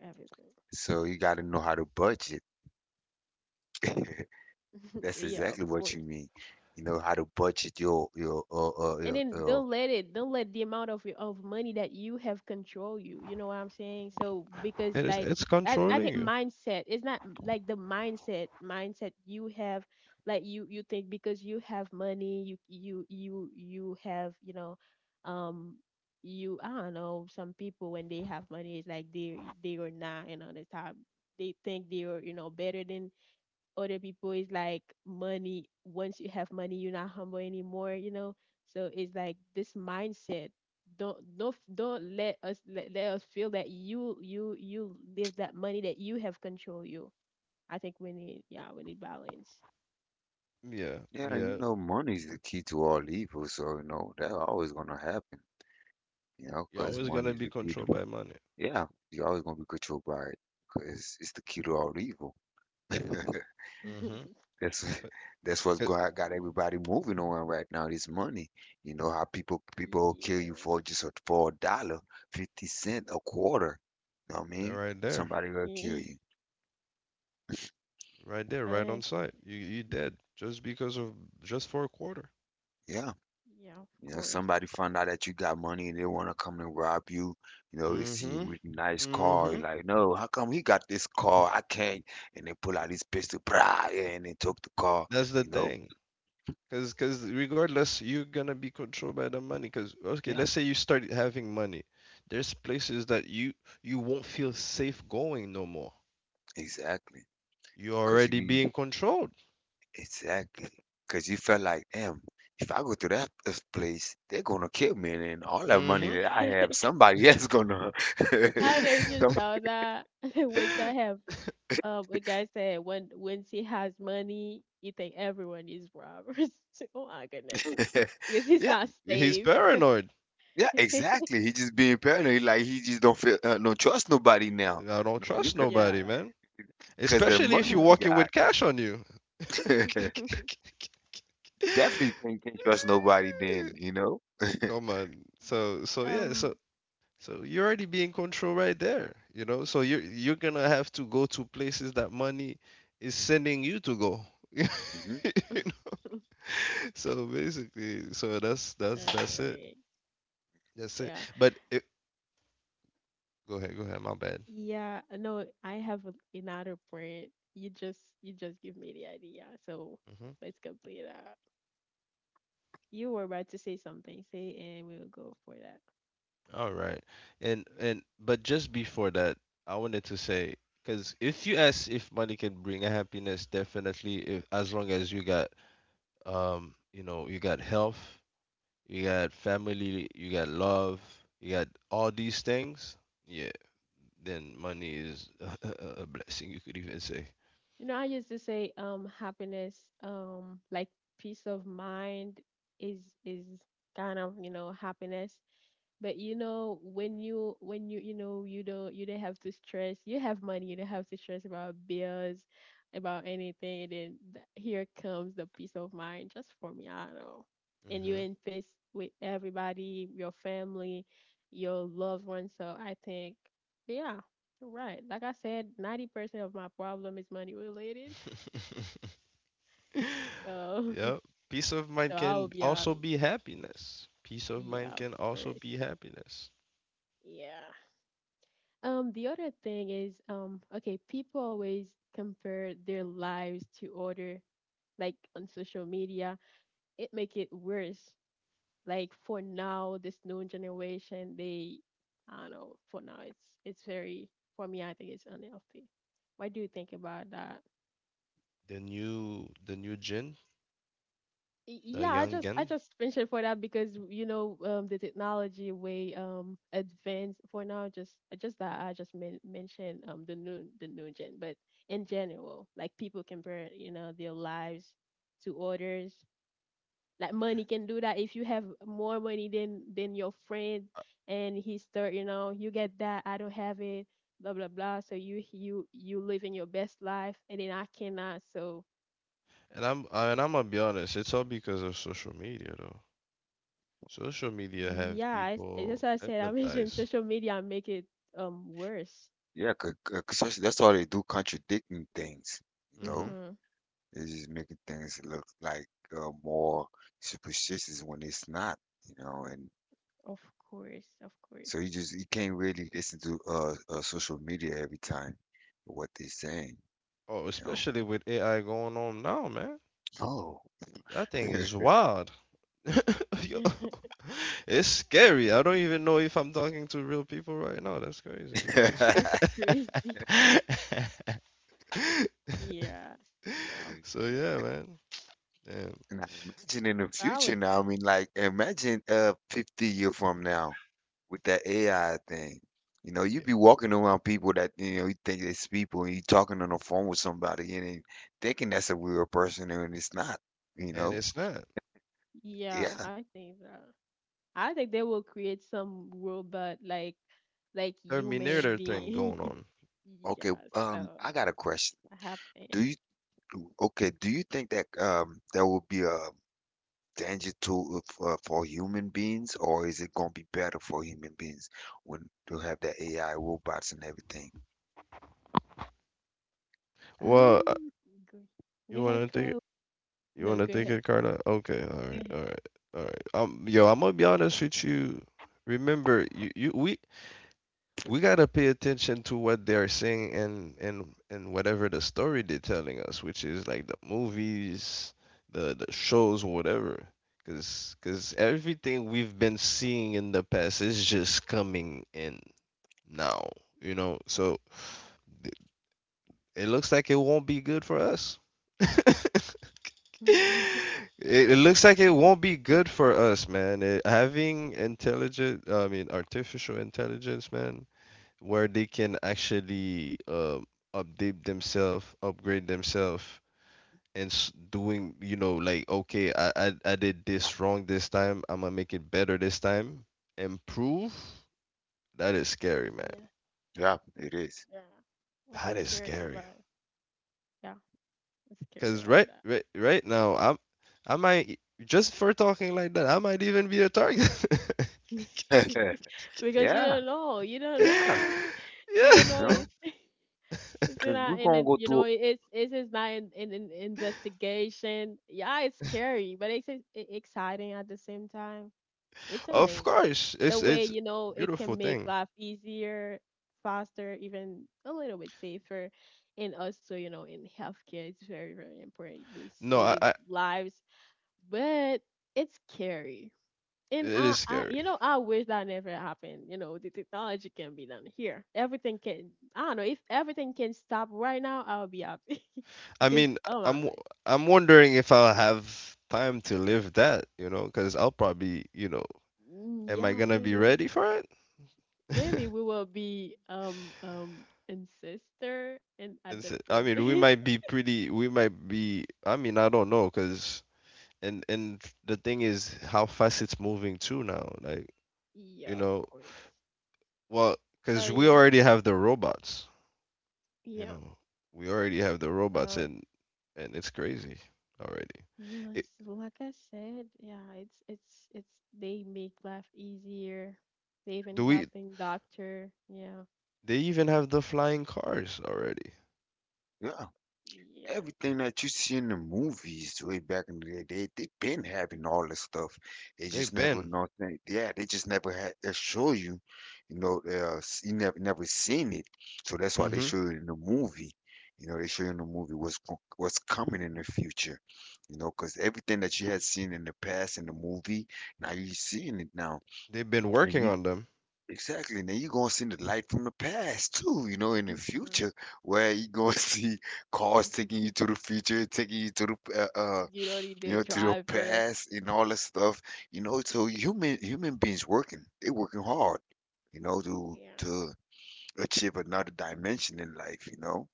[SPEAKER 1] Everything.
[SPEAKER 2] So you got to know how to budget. That's
[SPEAKER 1] yeah, of
[SPEAKER 2] exactly what you
[SPEAKER 1] course.
[SPEAKER 2] mean. You know how to budget your your uh, uh,
[SPEAKER 1] And
[SPEAKER 2] your,
[SPEAKER 1] then
[SPEAKER 2] your
[SPEAKER 1] don't let it don't let the amount of money that you have control you, you know what I'm saying. So because
[SPEAKER 3] It is.
[SPEAKER 1] like
[SPEAKER 3] It's
[SPEAKER 1] I
[SPEAKER 3] controlling
[SPEAKER 1] think
[SPEAKER 3] you.
[SPEAKER 1] mindset it's not like the mindset mindset you have like you think because you have money you you you you have you know um you I don't know some people when they have money it's like they are not and on the top they think they are you know better than other people is like money once you have money you're not humble anymore you know. So it's like this mindset don't let us let, let us feel that you live that money that you have control you. I think we need yeah we need balance.
[SPEAKER 3] Yeah,
[SPEAKER 2] yeah. You
[SPEAKER 3] yeah.
[SPEAKER 2] know, money is the key to all evil. So you know that always gonna happen. You know,
[SPEAKER 3] You're
[SPEAKER 2] because
[SPEAKER 3] always
[SPEAKER 2] money
[SPEAKER 3] gonna
[SPEAKER 2] is
[SPEAKER 3] be
[SPEAKER 2] the key
[SPEAKER 3] controlled
[SPEAKER 2] to.
[SPEAKER 3] by money.
[SPEAKER 2] Yeah, you're always gonna be controlled by it because it's the key to all evil.
[SPEAKER 3] Mm-hmm.
[SPEAKER 2] That's
[SPEAKER 3] That
[SPEAKER 2] that's what's got everybody moving on right now. This money, you know how people will kill you
[SPEAKER 1] Yeah.
[SPEAKER 2] for just a dollar, 50¢, a quarter. You know what I mean?
[SPEAKER 3] right there,
[SPEAKER 2] Somebody will kill
[SPEAKER 1] Yeah.
[SPEAKER 2] you.
[SPEAKER 3] right there, right on
[SPEAKER 1] Honest.
[SPEAKER 3] site. You dead just because of just for a quarter.
[SPEAKER 2] Yeah,
[SPEAKER 1] Yeah, of
[SPEAKER 2] you know
[SPEAKER 1] course.
[SPEAKER 2] somebody find
[SPEAKER 1] Of
[SPEAKER 2] out that you got money and they wanna come and rob you. You know they see you
[SPEAKER 3] Mm-hmm.
[SPEAKER 2] with a nice car, you're
[SPEAKER 3] Mm-hmm.
[SPEAKER 2] like, no, how come he got this car? I can't. And they pull out this pistol, brah, yeah, and they took the car.
[SPEAKER 3] That's the
[SPEAKER 2] You know,
[SPEAKER 3] thing. Cause regardless, you're gonna be controlled by the money. Cause okay,
[SPEAKER 2] yeah.
[SPEAKER 3] let's say you start having money. There's places that you won't feel safe going no more.
[SPEAKER 2] Exactly,
[SPEAKER 3] You're
[SPEAKER 2] cause
[SPEAKER 3] already
[SPEAKER 2] you
[SPEAKER 3] being controlled.
[SPEAKER 2] exactly, cause you felt like, "Damn, if I go to that this place, they're gonna kill me, and then all that money
[SPEAKER 3] Mm-hmm.
[SPEAKER 2] that I
[SPEAKER 1] course.
[SPEAKER 2] have, somebody else gonna
[SPEAKER 1] I don't know if you
[SPEAKER 2] somebody."
[SPEAKER 1] saw that. Once I have, a guy said when once he has money, you think everyone is robbers. Oh my goodness, because he's
[SPEAKER 2] Yeah,
[SPEAKER 1] not
[SPEAKER 3] He's
[SPEAKER 1] safe.
[SPEAKER 3] paranoid.
[SPEAKER 2] yeah, exactly. He just being paranoid, like, he just don't feel don't trust nobody now.
[SPEAKER 3] I don't
[SPEAKER 2] You know what I mean?
[SPEAKER 3] trust
[SPEAKER 2] 'Cause the
[SPEAKER 3] nobody,
[SPEAKER 1] yeah.
[SPEAKER 3] man.
[SPEAKER 2] 'cause the
[SPEAKER 3] Especially if you're
[SPEAKER 2] money he
[SPEAKER 3] walking
[SPEAKER 1] Um.
[SPEAKER 2] got.
[SPEAKER 3] with cash on you. Okay, okay, okay, okay, okay.
[SPEAKER 2] Definitely can't trust nobody then, you know?
[SPEAKER 3] Come on. So so yeah, so
[SPEAKER 1] um.
[SPEAKER 3] so you already be in control right there, you know? So you're gonna have to go to places that money is sending you to go.
[SPEAKER 2] Mhm.
[SPEAKER 3] You know? So basically, so that's it.
[SPEAKER 1] Anyway,
[SPEAKER 3] That's it.
[SPEAKER 1] yeah,
[SPEAKER 3] Go ahead, my bad.
[SPEAKER 1] yeah. No, I have another point. You just give me the idea. So
[SPEAKER 3] Mm-hmm.
[SPEAKER 1] let's complete that. You were about to say something. Say it and we will go for that.
[SPEAKER 3] All right. And but just before that, I wanted to say because if you ask if money can bring a happiness, definitely if, as long as you got you know you got health, you got family, you got love, you got all these things, yeah, then money is a, blessing. You could even say.
[SPEAKER 1] You know, I used to say happiness, like peace of mind is is kind of, you know, happiness. But you know, when you know you don't have to stress. You have money, you don't have to stress about bills, about anything, and then here comes the peace of mind. Just for me, I don't know. And you're
[SPEAKER 3] Hmm.
[SPEAKER 1] in peace with everybody, your family, your loved ones. So I think, yeah, you're right, like I said, 90% of my problem is money related. So
[SPEAKER 3] Yep. Peace of mind
[SPEAKER 1] so I'll
[SPEAKER 3] can
[SPEAKER 1] be out.
[SPEAKER 3] also be happiness. Peace of
[SPEAKER 1] Yeah,
[SPEAKER 3] mind
[SPEAKER 1] of
[SPEAKER 3] can also
[SPEAKER 1] course.
[SPEAKER 3] be happiness.
[SPEAKER 1] Yeah. The other thing is, okay, people always compare their lives to other, like on social media. It make it worse. Like for now, this new generation, they, I don't know. For now, it's very for me. I think it's unhealthy. What do you think about that?
[SPEAKER 3] The new gen. The
[SPEAKER 1] Yeah, i just i
[SPEAKER 3] youngin.
[SPEAKER 1] just mentioned for that because you know the technology way advanced for now, just that I just mentioned the new gen, but in general, like people compare, you know, their lives to others. Like money can do that. If you have more money than your friend,
[SPEAKER 3] Uh,
[SPEAKER 1] and he start, you know, you get that I don't have it, blah blah blah. So you you living your best life and then I cannot. So
[SPEAKER 3] And I'm and I'm gonna be honest, it's all because of social media though. Social media have
[SPEAKER 1] yeah, I, as
[SPEAKER 3] people
[SPEAKER 1] I said, I mentioned
[SPEAKER 3] hypnotized.
[SPEAKER 1] social media make it worse.
[SPEAKER 2] Yeah, 'cause that's all they do, contradicting things, you
[SPEAKER 3] Hmm.
[SPEAKER 2] know?
[SPEAKER 1] Mm-hmm.
[SPEAKER 2] It's just making things look like more superstitious when it's not, you know. And
[SPEAKER 1] Of course, of course.
[SPEAKER 2] so you can't really listen to social media every time what they're saying,
[SPEAKER 3] Oh,
[SPEAKER 2] you know.
[SPEAKER 3] especially with AI going on now, man.
[SPEAKER 2] Oh,
[SPEAKER 3] That thing is wild. Yo, it's scary. I don't even know if I'm talking to real people right now. That's crazy.
[SPEAKER 1] That's crazy. Yeah, yeah, of
[SPEAKER 3] So
[SPEAKER 1] course.
[SPEAKER 3] yeah, man. And
[SPEAKER 2] and I imagine in the
[SPEAKER 1] I
[SPEAKER 2] future
[SPEAKER 1] would
[SPEAKER 2] now, I
[SPEAKER 1] say,
[SPEAKER 2] mean, like, imagine 50-year from now with that AI thing. You know, you
[SPEAKER 3] yeah.
[SPEAKER 2] be walking around people that, you know, you think it's people and you talking on the phone with somebody and then thinking that's a real person and it's not, you
[SPEAKER 3] And
[SPEAKER 2] know.
[SPEAKER 3] it's not
[SPEAKER 1] yeah, I
[SPEAKER 2] Yeah.
[SPEAKER 1] think that. I think they will create some robot like human
[SPEAKER 3] Terminator thing
[SPEAKER 1] being.
[SPEAKER 3] going on.
[SPEAKER 2] Okay.
[SPEAKER 1] Yeah, so
[SPEAKER 2] I got a question.
[SPEAKER 1] happen.
[SPEAKER 2] Do you okay, do you think that there will be a danger to if, for human beings, or is it gonna be better for human beings when to have the AI robots and everything?
[SPEAKER 3] Well,
[SPEAKER 1] Um, go, go
[SPEAKER 3] you
[SPEAKER 1] ahead,
[SPEAKER 3] wanna take
[SPEAKER 1] Carl.
[SPEAKER 3] it? You
[SPEAKER 1] No,
[SPEAKER 3] wanna
[SPEAKER 1] go
[SPEAKER 3] take
[SPEAKER 1] ahead.
[SPEAKER 3] it, Carla? Okay, all
[SPEAKER 1] Go
[SPEAKER 3] right, all
[SPEAKER 1] ahead.
[SPEAKER 3] right, all right. Yo, I'm gonna be honest with you. Remember, you we gotta pay attention to what they're saying and whatever the story they're telling us, which is like the movies, the shows, whatever. Cause everything we've been seeing in the past is just coming in now, you know. So th- it looks like it won't be good for us. It looks like it won't be good for us, man. Having intelligent, I mean, artificial intelligence, man, where they can actually update themselves, upgrade themselves, and doing, you know, like, okay, I did this wrong this time. I'm gonna make it better this time. Improve. That is scary, man.
[SPEAKER 1] Yeah.
[SPEAKER 2] Yeah, it is.
[SPEAKER 1] Yeah, I'm
[SPEAKER 3] That is
[SPEAKER 1] scared
[SPEAKER 3] scary.
[SPEAKER 1] about. Yeah, I'm scared
[SPEAKER 3] Cause
[SPEAKER 1] about
[SPEAKER 3] right now, I might just for talking like that, I might even be a target.
[SPEAKER 1] that because you
[SPEAKER 2] Yeah,
[SPEAKER 1] don't know. You don't
[SPEAKER 2] yeah,
[SPEAKER 1] know. You
[SPEAKER 3] Yeah,
[SPEAKER 1] don't know.
[SPEAKER 2] no,
[SPEAKER 1] It's it's
[SPEAKER 2] because we're
[SPEAKER 1] not in
[SPEAKER 2] gonna
[SPEAKER 1] it.
[SPEAKER 2] go
[SPEAKER 1] You know,
[SPEAKER 2] through,
[SPEAKER 1] it's it's not in an investigation. Yeah, it's scary, but it's exciting at the same time. It's
[SPEAKER 3] of
[SPEAKER 1] amazing
[SPEAKER 3] course.
[SPEAKER 1] the
[SPEAKER 3] It's
[SPEAKER 1] way,
[SPEAKER 3] it's
[SPEAKER 1] you know, it
[SPEAKER 3] beautiful
[SPEAKER 1] can make
[SPEAKER 3] thing.
[SPEAKER 1] life easier, faster, even a little bit safer, and also, you know, in healthcare it's very very important. They
[SPEAKER 3] No,
[SPEAKER 1] save
[SPEAKER 3] I
[SPEAKER 1] lives, but it's scary. And
[SPEAKER 3] it
[SPEAKER 1] I,
[SPEAKER 3] is
[SPEAKER 1] I
[SPEAKER 3] scary.
[SPEAKER 1] you know, I wish that never happened. You know, the technology can be done here. Everything can, I don't know, if everything can stop right now, I'll be happy.
[SPEAKER 3] I
[SPEAKER 1] Because
[SPEAKER 3] mean,
[SPEAKER 1] oh my
[SPEAKER 3] I'm
[SPEAKER 1] gosh.
[SPEAKER 3] w- I'm wondering if I'll have time to live that, you know, because I'll probably, you know,
[SPEAKER 1] Mm,
[SPEAKER 3] am I
[SPEAKER 1] yeah,
[SPEAKER 3] gonna be
[SPEAKER 1] maybe
[SPEAKER 3] ready for it?
[SPEAKER 1] maybe we will be ancestor and at
[SPEAKER 3] It's,
[SPEAKER 1] the
[SPEAKER 3] I mean, we
[SPEAKER 1] domain.
[SPEAKER 3] might be pretty. We might be. I mean, I don't know, cause and the thing is how fast it's moving too now. Like
[SPEAKER 1] Yeah,
[SPEAKER 3] you
[SPEAKER 1] of
[SPEAKER 3] know,
[SPEAKER 1] course.
[SPEAKER 3] well,
[SPEAKER 1] So
[SPEAKER 3] cause we
[SPEAKER 1] yeah,
[SPEAKER 3] already have the robots. You
[SPEAKER 1] yeah,
[SPEAKER 3] know, we already have the robots
[SPEAKER 1] so
[SPEAKER 3] and it's crazy already.
[SPEAKER 1] yeah,
[SPEAKER 3] It,
[SPEAKER 1] it's like I said, yeah, it's it's they make life easier. They even
[SPEAKER 3] do we?
[SPEAKER 1] helping doctor. Yeah.
[SPEAKER 3] They even have the flying cars already.
[SPEAKER 2] yeah.
[SPEAKER 1] Yeah.
[SPEAKER 2] Everything that you see in the movies way back in the day, they been having all this stuff. They just
[SPEAKER 3] They've
[SPEAKER 2] never
[SPEAKER 3] been.
[SPEAKER 2] know. They, yeah, they just never had they show you, you know. You never seen it, so that's why they
[SPEAKER 3] Hmm.
[SPEAKER 2] show you in the movie. You know, they show you in the movie what's coming in the future. You know, because everything that you had seen in the past in the movie, now you're seeing it now,
[SPEAKER 3] They've been
[SPEAKER 2] and
[SPEAKER 3] working
[SPEAKER 2] you
[SPEAKER 3] on them.
[SPEAKER 2] exactly. Now you're gonna see the light from the past too, you know, in the
[SPEAKER 1] Hmm.
[SPEAKER 2] future, where you're gonna see cars taking you to the future, taking you to the
[SPEAKER 1] You don't need the
[SPEAKER 2] you know to the
[SPEAKER 1] driver.
[SPEAKER 2] past and all that stuff. You know, so human beings working, they working hard, you know, to
[SPEAKER 1] Yeah.
[SPEAKER 2] to achieve another dimension in life, you know.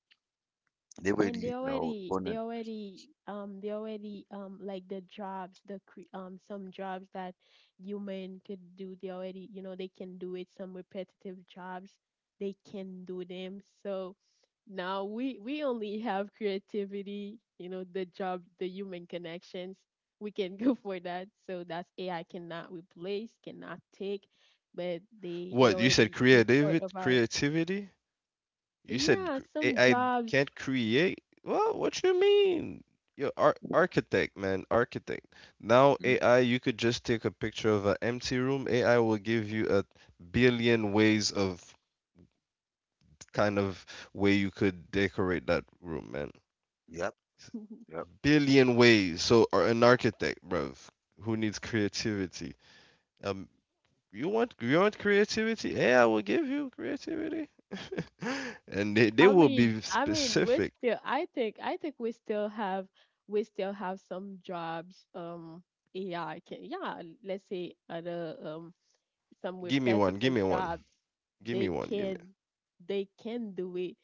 [SPEAKER 2] They really,
[SPEAKER 1] And they
[SPEAKER 2] you know,
[SPEAKER 1] already they
[SPEAKER 2] wanna
[SPEAKER 1] already they already like the jobs, the some jobs that human could do, they already, you know, they can do it, some repetitive jobs. They can do them. So now we only have creativity. You know, the job, the human connections, we can go for that. So that's AI cannot replace, cannot take, but they
[SPEAKER 3] What you said?
[SPEAKER 1] already do part
[SPEAKER 3] Creativity.
[SPEAKER 1] of our,
[SPEAKER 3] Creativity. You said
[SPEAKER 1] yeah, some
[SPEAKER 3] AI
[SPEAKER 1] jobs.
[SPEAKER 3] can't create. Well, what you mean? You're architect, man. Architect. Now
[SPEAKER 2] mm,
[SPEAKER 3] AI, you could just take a picture of an empty room. AI will give you a billion ways of kind of way you could decorate that room, man.
[SPEAKER 2] yep, yep.
[SPEAKER 3] Billion ways. So, or an architect, bruv, who needs creativity. Um, you want creativity? Yeah, I will give you creativity. And they will be
[SPEAKER 1] I mean, we're
[SPEAKER 3] specific.
[SPEAKER 1] still. I think we still have some jobs. AI can, yeah, let's say other some
[SPEAKER 3] Give me one. Give
[SPEAKER 1] repetitive
[SPEAKER 3] me one.
[SPEAKER 1] jobs,
[SPEAKER 3] Give me
[SPEAKER 1] they
[SPEAKER 3] one. Give me.
[SPEAKER 1] can, they can do it.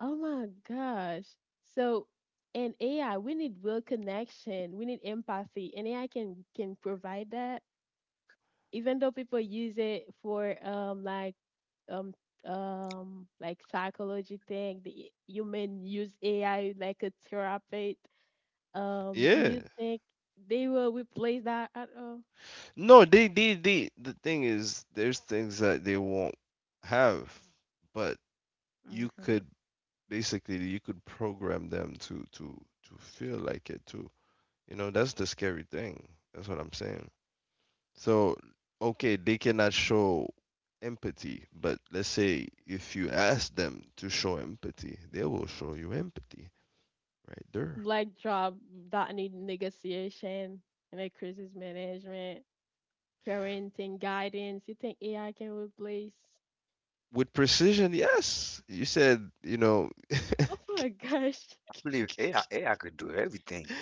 [SPEAKER 1] Oh my gosh! So, and AI, we need real connection. We need empathy, and AI can provide that. Even though people use it for um like psychology thing, the human use AI like a therapy. Do
[SPEAKER 3] Yeah.
[SPEAKER 1] you think they will replace that at all?
[SPEAKER 3] No, they. The thing is, there's things that they won't have, but you could basically you could program them to feel like it too. You know, that's the scary thing. That's what I'm saying. So, okay, they cannot show empathy, but let's say if you ask them to show empathy, they will show you empathy right there.
[SPEAKER 1] Like job that need negotiation and like crisis management, parenting guidance, you think AI can replace?
[SPEAKER 3] With precision, yes. You said, you know,
[SPEAKER 1] Oh my gosh.
[SPEAKER 2] I believe AI could do everything.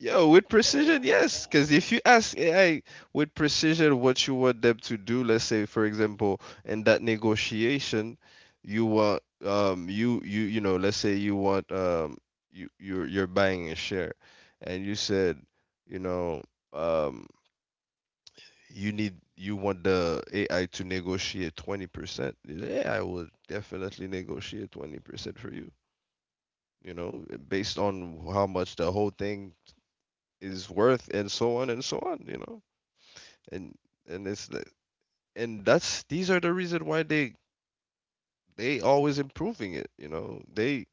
[SPEAKER 3] Yo, with
[SPEAKER 1] Oh
[SPEAKER 3] precision,
[SPEAKER 1] my
[SPEAKER 3] yes. Because
[SPEAKER 1] gosh.
[SPEAKER 3] if you ask AI with precision what you want them to do, let's say, for example, in that negotiation, you want you know, let's say you want you're buying a share, and you said, you know, um you want the AI to negotiate 20%. The AI will definitely negotiate 20% for you, you know, based on how much the whole thing is worth, and so on and so on, you know. And and it's and that's these are the reason why they always improving it, you know. They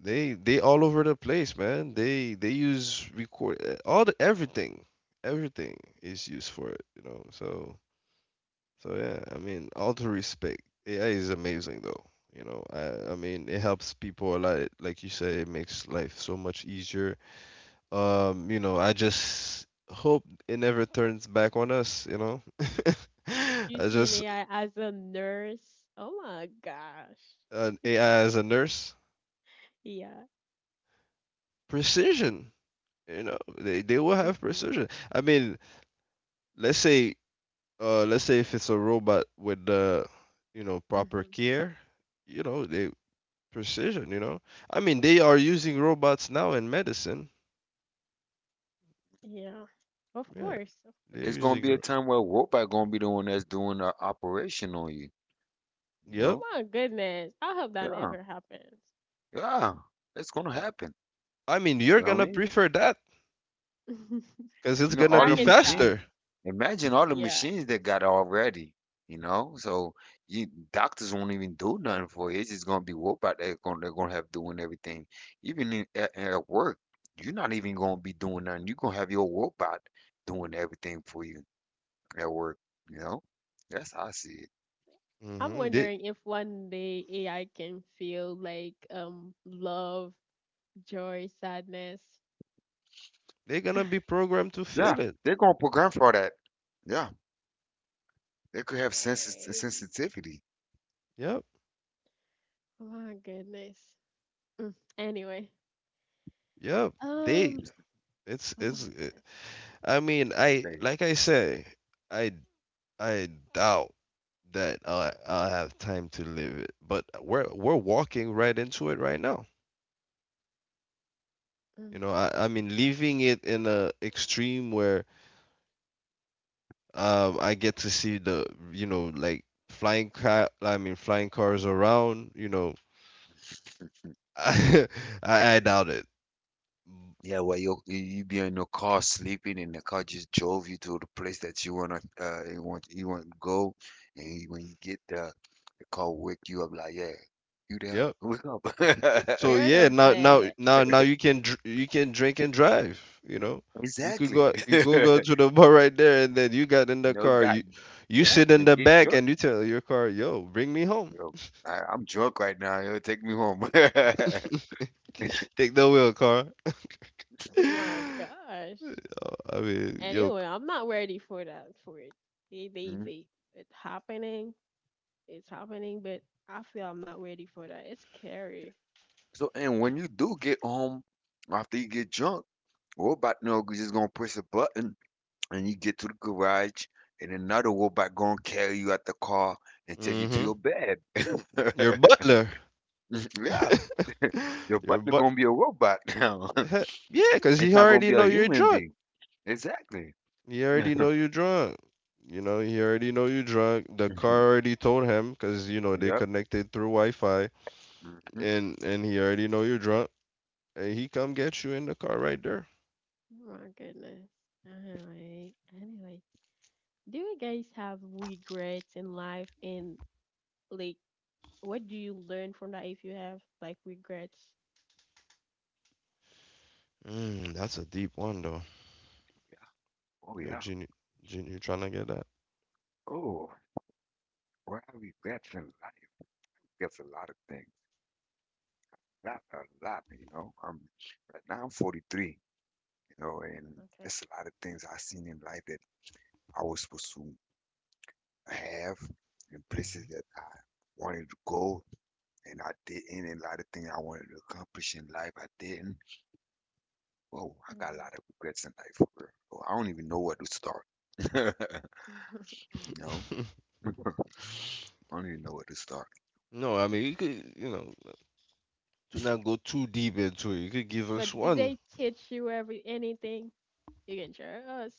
[SPEAKER 3] they all over the place, man. They use record, all the everything everything is used for it, you know. So so yeah, I mean, all to respect, AI is amazing though, you know. I mean, it helps people a lot. Like you say, it makes life so much easier. You know, I just hope it never turns back on us, you know.
[SPEAKER 1] Do you
[SPEAKER 3] I
[SPEAKER 1] see an
[SPEAKER 3] just
[SPEAKER 1] AI as a nurse? Oh my gosh.
[SPEAKER 3] an AI as a nurse,
[SPEAKER 1] Yeah.
[SPEAKER 3] precision, you know, they will have
[SPEAKER 1] Hmm.
[SPEAKER 3] precision. I mean, let's say let's say if it's a robot with the you know proper
[SPEAKER 1] Hmm.
[SPEAKER 3] care, you know, they precision, you know. I mean, they are using robots now in medicine.
[SPEAKER 1] Yeah. Of
[SPEAKER 3] Yeah,
[SPEAKER 1] course. Of
[SPEAKER 3] they're
[SPEAKER 2] It's
[SPEAKER 1] course.
[SPEAKER 2] gonna
[SPEAKER 3] using
[SPEAKER 2] be a time where robot gonna be the one that's doing the operation on you, you
[SPEAKER 3] yep.
[SPEAKER 2] know?
[SPEAKER 1] My goodness. I hope that
[SPEAKER 2] Yeah.
[SPEAKER 1] never happens.
[SPEAKER 2] Yeah, it's gonna
[SPEAKER 3] I
[SPEAKER 2] happen.
[SPEAKER 3] I mean, you're
[SPEAKER 2] You know what I
[SPEAKER 3] gonna
[SPEAKER 2] mean?
[SPEAKER 3] prefer that because
[SPEAKER 2] You
[SPEAKER 3] it's
[SPEAKER 2] know,
[SPEAKER 1] But
[SPEAKER 3] gonna
[SPEAKER 2] all
[SPEAKER 1] I
[SPEAKER 2] the
[SPEAKER 3] be
[SPEAKER 1] can stop.
[SPEAKER 2] machines,
[SPEAKER 3] faster.
[SPEAKER 2] imagine all the
[SPEAKER 1] Yeah.
[SPEAKER 2] machines they got already, you know? So you doctors won't even do nothing for it. It's just gonna be robot they're gonna have doing everything. Even in, at work, you're not even gonna be doing nothing. You're gonna have your robot doing everything for you at work, you know? That's how I see it.
[SPEAKER 1] I'm
[SPEAKER 3] Mm-hmm.
[SPEAKER 1] wondering if one day AI can feel like love, joy, sadness.
[SPEAKER 3] They're gonna be programmed to
[SPEAKER 2] Yeah,
[SPEAKER 3] fit it.
[SPEAKER 2] they're gonna program for that. Yeah, they could have
[SPEAKER 1] Eh,
[SPEAKER 2] sensitivity.
[SPEAKER 3] Yep,
[SPEAKER 1] my goodness. Mm, anyway.
[SPEAKER 3] yep. They,
[SPEAKER 1] Um
[SPEAKER 3] it's,
[SPEAKER 1] oh
[SPEAKER 3] it's.
[SPEAKER 1] my
[SPEAKER 3] It-
[SPEAKER 1] gosh.
[SPEAKER 3] I mean, I
[SPEAKER 2] Hey.
[SPEAKER 3] like I say, I, I doubt that I'll have time to live it. But we're walking right into it right now. You
[SPEAKER 1] Mm,
[SPEAKER 3] know, I mean, leaving it in a extreme where I get to see the, you know, like flying car. I mean, flying cars around. You know, I, I doubt it.
[SPEAKER 2] Yeah, well, you be in your car sleeping, and the car just drove you to the place that you wanna you want to go, and you- when you get there, the car wake you up like, yeah, you there,
[SPEAKER 3] Yep.
[SPEAKER 2] wake up.
[SPEAKER 1] I'm
[SPEAKER 3] So
[SPEAKER 1] scared
[SPEAKER 3] yeah,
[SPEAKER 1] of
[SPEAKER 3] now now
[SPEAKER 1] that.
[SPEAKER 3] now now you can you can drink and drive. You know, you could
[SPEAKER 2] Exactly.
[SPEAKER 3] go you go go to the bar right there, and then you got in the
[SPEAKER 2] You know,
[SPEAKER 3] car.
[SPEAKER 2] God,
[SPEAKER 3] You
[SPEAKER 2] yeah,
[SPEAKER 3] sit in
[SPEAKER 2] man,
[SPEAKER 3] the
[SPEAKER 2] get
[SPEAKER 3] back,
[SPEAKER 2] drunk.
[SPEAKER 3] and you tell your car, "Yo, bring me home.
[SPEAKER 2] Yo, I'm drunk right now. Yo, take me home.
[SPEAKER 3] Take the wheel, car."
[SPEAKER 1] Oh my
[SPEAKER 3] I
[SPEAKER 1] gosh.
[SPEAKER 3] mean, yo,
[SPEAKER 1] Anyway, I'm not ready for that for it. They they
[SPEAKER 2] Mhm.
[SPEAKER 1] they it's happening. It's happening, but I feel I'm not ready for that. It's scary.
[SPEAKER 2] So, and when you do get home after you get drunk, robot no, you just gonna press a button and you get to the garage and another robot gonna carry you out the car and take you to
[SPEAKER 3] mm-hmm.
[SPEAKER 2] your bed.
[SPEAKER 3] Your butler,
[SPEAKER 2] Yeah, your
[SPEAKER 3] your
[SPEAKER 2] butler
[SPEAKER 3] but,
[SPEAKER 2] gonna be a robot now.
[SPEAKER 3] yeah, cause
[SPEAKER 2] It's
[SPEAKER 3] he
[SPEAKER 2] not gonna
[SPEAKER 3] already
[SPEAKER 2] be
[SPEAKER 3] know
[SPEAKER 2] a
[SPEAKER 3] you're
[SPEAKER 2] human
[SPEAKER 3] drunk.
[SPEAKER 2] being. Exactly.
[SPEAKER 3] He already know you're drunk. You know, he already know you're drunk. The
[SPEAKER 2] Mhm.
[SPEAKER 3] car already told him, cause you know they
[SPEAKER 2] Yep.
[SPEAKER 3] connected through Wi-Fi
[SPEAKER 2] Hmm.
[SPEAKER 3] and he already know you're drunk, and he come get you in the car right there.
[SPEAKER 1] Oh my goodness. Anyway, anyway, do you guys have regrets in life? And like, what do you learn from that if you have like regrets?
[SPEAKER 3] Mm, that's a deep one though.
[SPEAKER 2] Oh
[SPEAKER 3] Yo,
[SPEAKER 2] yeah.
[SPEAKER 3] Junior, Junior trying to get that.
[SPEAKER 2] Oh, what have we got in life? That's a lot of things. Not a lot, you know. Right now I'm 43, you know, and
[SPEAKER 1] Okay.
[SPEAKER 2] it's a lot of things I seen in life that I was supposed to have and places that I wanted to go and I didn't. And a lot of things I wanted to accomplish in life, I didn't. Oh, I got a
[SPEAKER 1] Hmm.
[SPEAKER 2] lot of regrets in life, bro. Oh, I don't even know where to start. No, I don't even know where to start.
[SPEAKER 3] No, I mean you could, you know, to not go too deep into it. You could give us
[SPEAKER 1] But do
[SPEAKER 3] one.
[SPEAKER 1] they teach you every anything? You can share us.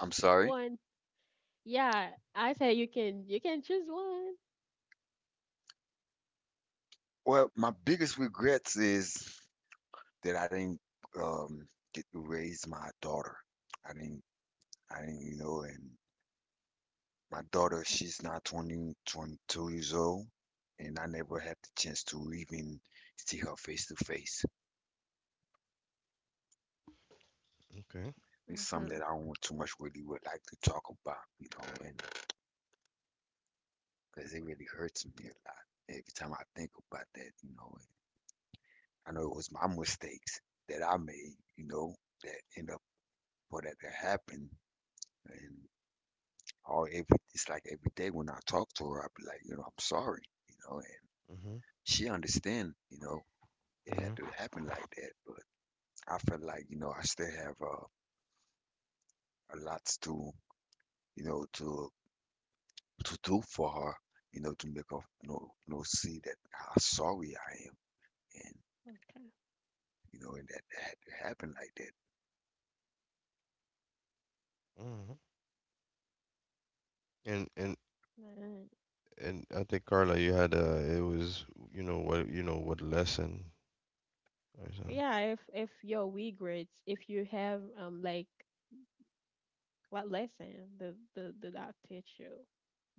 [SPEAKER 2] I'm
[SPEAKER 1] pick
[SPEAKER 2] sorry.
[SPEAKER 1] one. Yeah, I say you can. You can choose one.
[SPEAKER 2] Well, my biggest regrets is that I didn't um, get to raise my daughter. I didn't, I didn't, you know, and my daughter,
[SPEAKER 1] Okay.
[SPEAKER 2] she's now 22 years old, and I never had the chance to even see her face to face.
[SPEAKER 3] Okay.
[SPEAKER 2] It's something
[SPEAKER 1] Hmm.
[SPEAKER 2] that I don't too much really would like to talk about, you know, and because it really hurts me a lot every time I think about that, you know. And I know it was my mistakes that I made, you know, that end up for that to happen. And all every it's like every day when I talk to her, I be like, you know, I'm sorry, you know, and
[SPEAKER 3] Mm-hmm.
[SPEAKER 2] she understand, you know, it
[SPEAKER 3] Mm-hmm.
[SPEAKER 2] had to happen like that. But I feel like, you know, I still have a lot to, you know, to do for her, you know, to make her you know see that how sorry I am, and
[SPEAKER 1] Okay.
[SPEAKER 2] you know, and that, that had to happen like
[SPEAKER 3] Mm-hmm. And and
[SPEAKER 1] Right.
[SPEAKER 3] and I think Carla, you had a. It was you know what lesson or something.
[SPEAKER 1] Yeah, if your weak grades, if you have like, what lesson the doc teach you,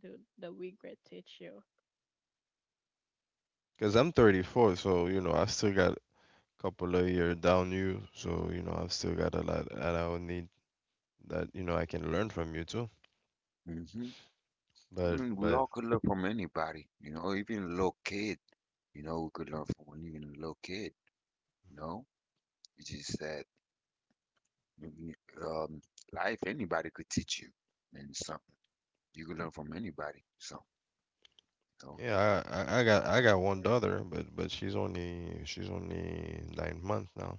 [SPEAKER 1] the weak grade teach you.
[SPEAKER 3] Cause I'm 34, so you know I still got a couple of years down you. So you know I've still got a lot that I would need that you know I can learn from you too.
[SPEAKER 2] that. Hmm. I mean, we
[SPEAKER 3] But
[SPEAKER 2] all could learn from anybody, you know, even a little kid, you know, we could learn from even a little kid, you know. It's just that mm, um, life, anybody could teach you and something. You could learn from anybody. So, you know,
[SPEAKER 3] yeah, I got
[SPEAKER 1] Of
[SPEAKER 3] one
[SPEAKER 1] course.
[SPEAKER 3] daughter, but she's only 9 months now.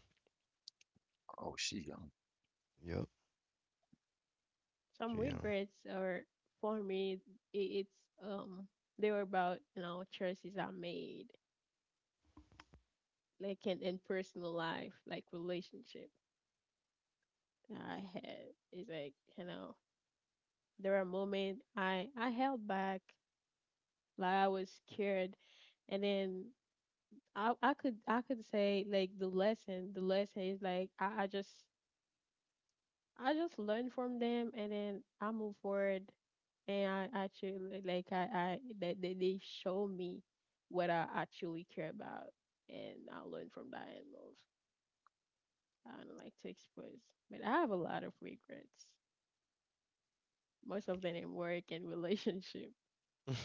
[SPEAKER 2] oh, she young.
[SPEAKER 3] Yep,
[SPEAKER 1] Some
[SPEAKER 3] she
[SPEAKER 1] weak grades are for me, I it's, um they were about, you know, choices I made, like in personal life, like relationship I had. It's like, you know, there are moments I held back, like I was scared, and then I could say like the lesson is like I just learn from them, and then I move forward. And I actually, like I that they show me what I actually care about, and I learn from that and move. I don't like to expose, but I have a lot of regrets. Most of them in work and relationship.
[SPEAKER 3] um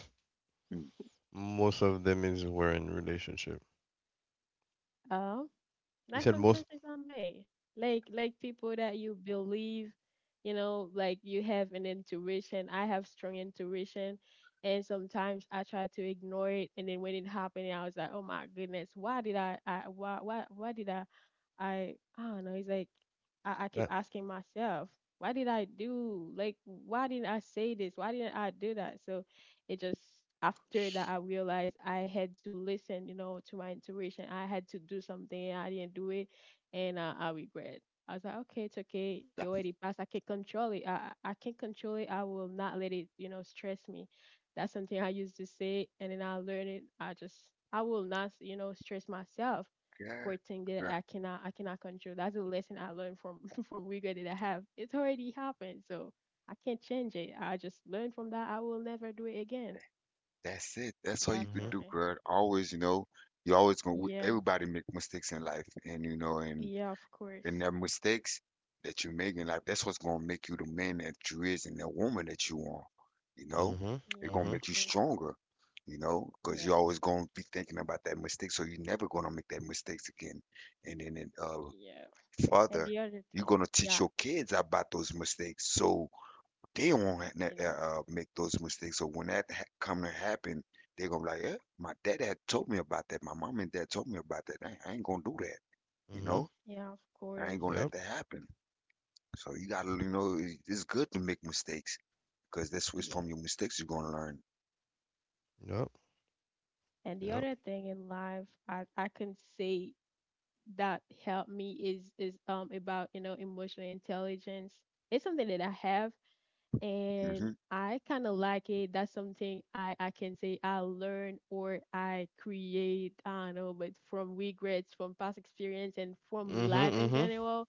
[SPEAKER 2] Mm,
[SPEAKER 3] most of them is were in relationship.
[SPEAKER 1] Um,
[SPEAKER 3] You
[SPEAKER 1] Like
[SPEAKER 3] said
[SPEAKER 1] some
[SPEAKER 3] most.
[SPEAKER 1] choices are made. Like people that you believe, you know, like you have an intuition. I have strong intuition, and sometimes I try to ignore it, and then when it happened I was like, oh my goodness, why did I why did I, I don't know. It's like I keep
[SPEAKER 3] Uh,
[SPEAKER 1] asking myself, why did I do, like, why didn't I say this? Why didn't I do that? So it just after that I realized I had to listen, you know, to my intuition. I had to do something, I didn't do it, and I regret. I was like, okay, it's okay. It already passed. I can not control it. I can control it. I will not let it, you know, stress me. That's something I used to say, and then I learned it. I just I will not, you know, stress myself for
[SPEAKER 2] that
[SPEAKER 1] things that
[SPEAKER 2] girl,
[SPEAKER 1] I cannot control. That's a lesson I learned from from regret that I have. It's already happened, so I can't change it. I just learned from that. I will never do it again.
[SPEAKER 2] that's it.
[SPEAKER 1] So
[SPEAKER 2] That's all you
[SPEAKER 1] that's
[SPEAKER 2] could
[SPEAKER 1] for
[SPEAKER 3] mhm
[SPEAKER 2] do,
[SPEAKER 1] me.
[SPEAKER 2] girl. Always, you know, you always gonna.
[SPEAKER 1] Yeah,
[SPEAKER 2] Everybody make mistakes in life, and you know, and
[SPEAKER 1] yeah, of course.
[SPEAKER 2] their mistakes that you make in life, that's what's gonna make you the man that you is and the woman that you are. You know,
[SPEAKER 3] mhm
[SPEAKER 2] it's
[SPEAKER 1] Yeah,
[SPEAKER 2] gonna
[SPEAKER 1] of
[SPEAKER 3] mhm
[SPEAKER 2] make you
[SPEAKER 1] course.
[SPEAKER 2] stronger. You know, because
[SPEAKER 1] Yeah,
[SPEAKER 2] you're always gonna be thinking about that mistake, so you're never gonna make that mistakes again. And then,
[SPEAKER 1] yeah. And
[SPEAKER 2] further,
[SPEAKER 1] the other
[SPEAKER 2] you're
[SPEAKER 1] thing,
[SPEAKER 2] gonna teach
[SPEAKER 1] yeah,
[SPEAKER 2] your kids about those mistakes, so they won't
[SPEAKER 1] you know,
[SPEAKER 2] make those mistakes. So when that come to happen, they're gonna be like, eh, my dad had told me about that. My mom and dad told me about that. I ain't gonna do that, you
[SPEAKER 3] mhm.
[SPEAKER 2] know.
[SPEAKER 1] yeah, of
[SPEAKER 2] I ain't
[SPEAKER 1] course.
[SPEAKER 2] gonna let
[SPEAKER 3] Yep
[SPEAKER 2] that happen. So you gotta, you know, it's good to make mistakes because that's what's from
[SPEAKER 1] Yeah.
[SPEAKER 2] your mistakes you're gonna learn.
[SPEAKER 3] yep
[SPEAKER 1] And the
[SPEAKER 3] yep.
[SPEAKER 1] other thing in life, I can say that helped me is about, you know, emotional intelligence. It's something that I have, and
[SPEAKER 2] Hmm.
[SPEAKER 1] I kind of like it. That's something I can say I learn or I create, I don't know, but from regrets, from past experience, and from life in
[SPEAKER 3] Mhm
[SPEAKER 1] general.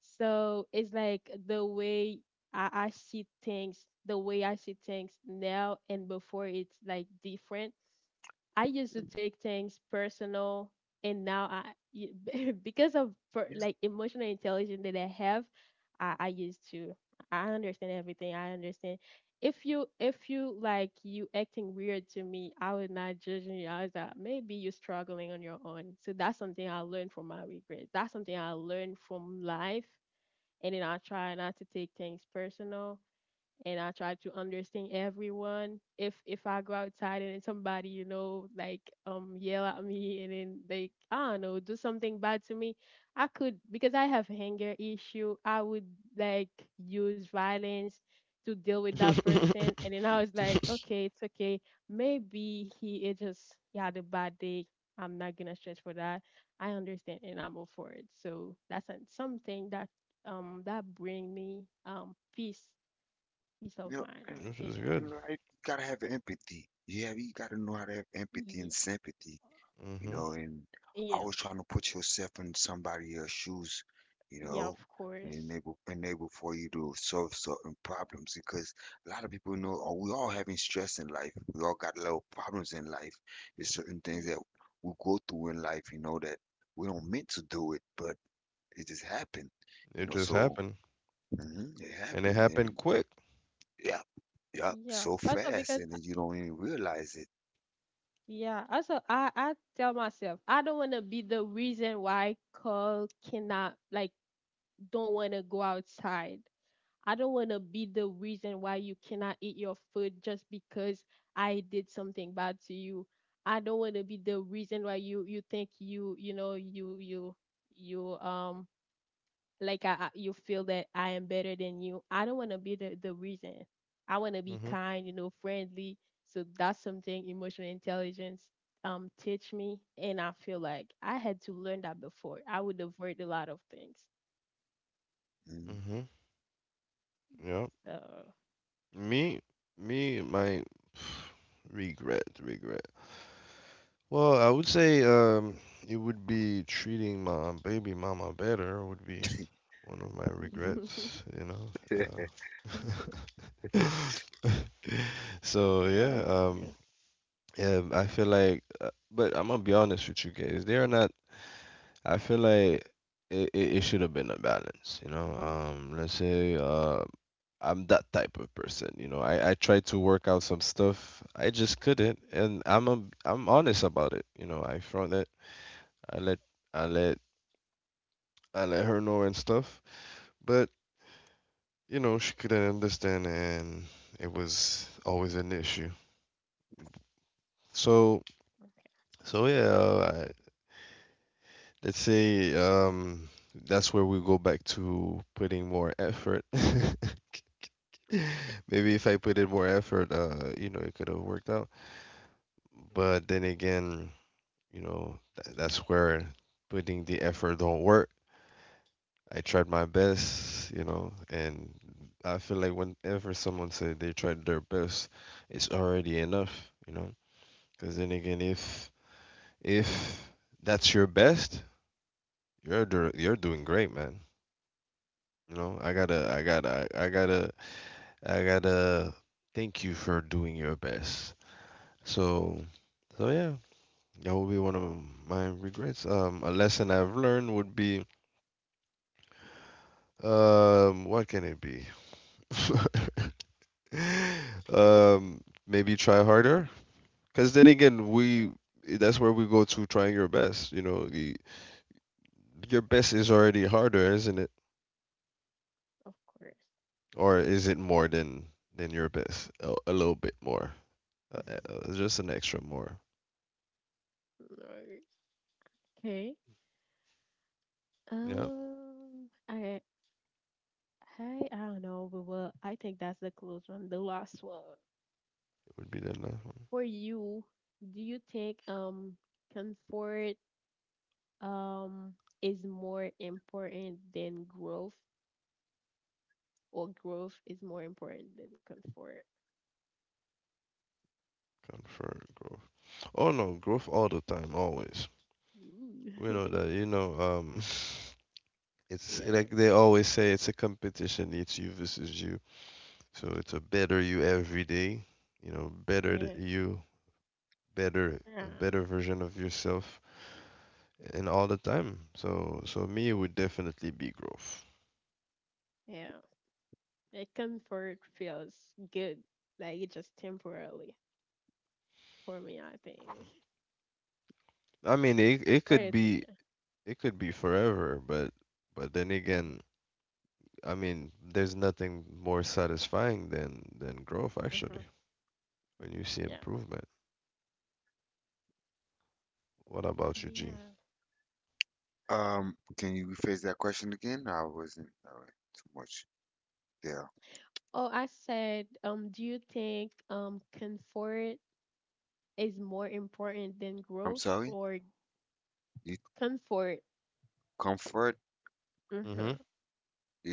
[SPEAKER 1] So it's like the way I see things, the way I see things now and before, it's like different. I used to take things personal, and now I because of
[SPEAKER 2] Yeah,
[SPEAKER 1] like emotional intelligence that I have, I used to I understand everything. I understand if you like you acting weird to me, I would not judge you. I was like, maybe you're struggling on your own. So that's something I learned from my regrets. That's something I learned from life. And then I try not to take things personal, and I try to understand everyone. If I go outside and then somebody, you know, like yell at me, and then like I don't know, do something bad to me, I could, because I have anger issue, I would like use violence to deal with
[SPEAKER 3] mhm.
[SPEAKER 1] that person. And then I was like, okay, it's okay. Maybe he, it just he had a bad day. I'm not gonna stress for that. I understand and I move forward. So that's something that that bring me peace, peace
[SPEAKER 2] you
[SPEAKER 1] of
[SPEAKER 2] know,
[SPEAKER 1] mind. I would
[SPEAKER 3] Which
[SPEAKER 1] say
[SPEAKER 3] is
[SPEAKER 1] that.
[SPEAKER 2] and
[SPEAKER 3] good.
[SPEAKER 2] right, you gotta have empathy. You have, you gotta know how to have empathy and
[SPEAKER 1] Yeah,
[SPEAKER 2] sympathy, you
[SPEAKER 3] Mhm.
[SPEAKER 2] know, and
[SPEAKER 1] yeah,
[SPEAKER 2] always trying to put yourself in somebody else's shoes, you
[SPEAKER 1] yeah.
[SPEAKER 2] know,
[SPEAKER 1] Of
[SPEAKER 2] and
[SPEAKER 1] course.
[SPEAKER 2] enable for you to solve certain problems because a lot of people know oh, we all having stress in life. We all got little problems in life. There's certain things that
[SPEAKER 1] Yeah,
[SPEAKER 2] we go through in life, you know, that we don't meant to do it, but it just happened, you
[SPEAKER 3] It
[SPEAKER 2] know.
[SPEAKER 3] just
[SPEAKER 2] So
[SPEAKER 3] happened,
[SPEAKER 2] mhm, it
[SPEAKER 3] and it
[SPEAKER 2] happened, and
[SPEAKER 3] happened quick.
[SPEAKER 2] yeah, yeah,
[SPEAKER 1] yeah.
[SPEAKER 2] so
[SPEAKER 1] Also
[SPEAKER 2] fast, and then you don't even realize it.
[SPEAKER 1] yeah. Also I tell myself, I don't want to be the reason why Cole cannot like, don't want to go outside. I don't want to be the reason why you cannot eat your food just because I did something bad to you. I don't want to be the reason why you think you you like I, you feel that I am better than you. I don't want to be the reason. I want to be
[SPEAKER 3] Mhm
[SPEAKER 1] kind, you know, friendly. So that's something emotional intelligence teach me, and I feel like I had to learn that before. I would avoid a lot of things.
[SPEAKER 3] mhm. Yep.
[SPEAKER 1] So
[SPEAKER 3] Me me my Regret, regret. Well, I would say it would be treating my baby mama better would be one of my
[SPEAKER 2] Mm-hmm.
[SPEAKER 3] regrets, you know. Uh, so yeah,
[SPEAKER 1] okay,
[SPEAKER 3] yeah, I feel like, but I'm gonna be honest with you guys. They are not. I feel like it should have been a balance, you know. Let's say I'm that type of person, you know. I tried to work out some stuff. I just couldn't, and I'm honest about it, you know. I found it, I let I let I let her know and stuff, but you know she couldn't understand, and it was always an issue. So I, let's say that's where we go back to putting more effort.
[SPEAKER 1] okay,
[SPEAKER 3] Maybe if I put in more effort, you know, it could have worked out. But then again, you know, that's where putting the effort don't work. I tried my best, you know, and I feel like whenever someone said they tried their best, it's already enough, you know. Because then again, if that's your best, you're doing great, man. You know,
[SPEAKER 1] yeah,
[SPEAKER 3] I gotta thank you for doing your best. So so yeah that would be one of my regrets. A lesson I've learned would be— what can it be? Um, maybe try harder. Because then again, we
[SPEAKER 1] nice,
[SPEAKER 3] that's where we go to trying your best. You know, the your best is already harder, isn't it?
[SPEAKER 1] of course.
[SPEAKER 3] Or is it more than your best? A little bit more. Uh, just an extra more.
[SPEAKER 1] Nice. Okay.
[SPEAKER 3] Yeah, it
[SPEAKER 1] I, I don't know, but well, I think that's the close one, the last one.
[SPEAKER 3] would be the last one.
[SPEAKER 1] For you, do you think comfort um is more important than growth, or growth is more important than comfort?
[SPEAKER 3] Confirm growth. Oh no, growth all the time, always. We know
[SPEAKER 1] Ooh.
[SPEAKER 3] that. You know, it's
[SPEAKER 1] Yeah.
[SPEAKER 3] like they always say, it's a competition. It's you versus you. So it's a better you every day, you know, better
[SPEAKER 1] Yeah.
[SPEAKER 3] you, better, a
[SPEAKER 1] Yeah.
[SPEAKER 3] better version of yourself, and all the time. So, so me, it would definitely be growth.
[SPEAKER 1] Yeah. Like comfort feels good. Like it's just temporarily for me, I think.
[SPEAKER 3] I mean, it
[SPEAKER 1] What do
[SPEAKER 3] could
[SPEAKER 1] you think,
[SPEAKER 3] be,
[SPEAKER 1] Jen?
[SPEAKER 3] it could be forever, but then
[SPEAKER 1] Mm-hmm.
[SPEAKER 3] again, I mean, there's nothing more satisfying than growth,
[SPEAKER 1] Mm-hmm.
[SPEAKER 3] actually, when you see
[SPEAKER 1] Yeah.
[SPEAKER 3] improvement. What about you, Gene?
[SPEAKER 1] Yeah.
[SPEAKER 2] Can you rephrase that question again? I wasn't too much there.
[SPEAKER 1] Oh, I said, do you think comfort is more important than
[SPEAKER 2] I'm
[SPEAKER 1] growth
[SPEAKER 2] sorry.
[SPEAKER 1] or
[SPEAKER 2] You,
[SPEAKER 1] comfort.
[SPEAKER 2] comfort
[SPEAKER 1] Hmm.
[SPEAKER 3] Mhm.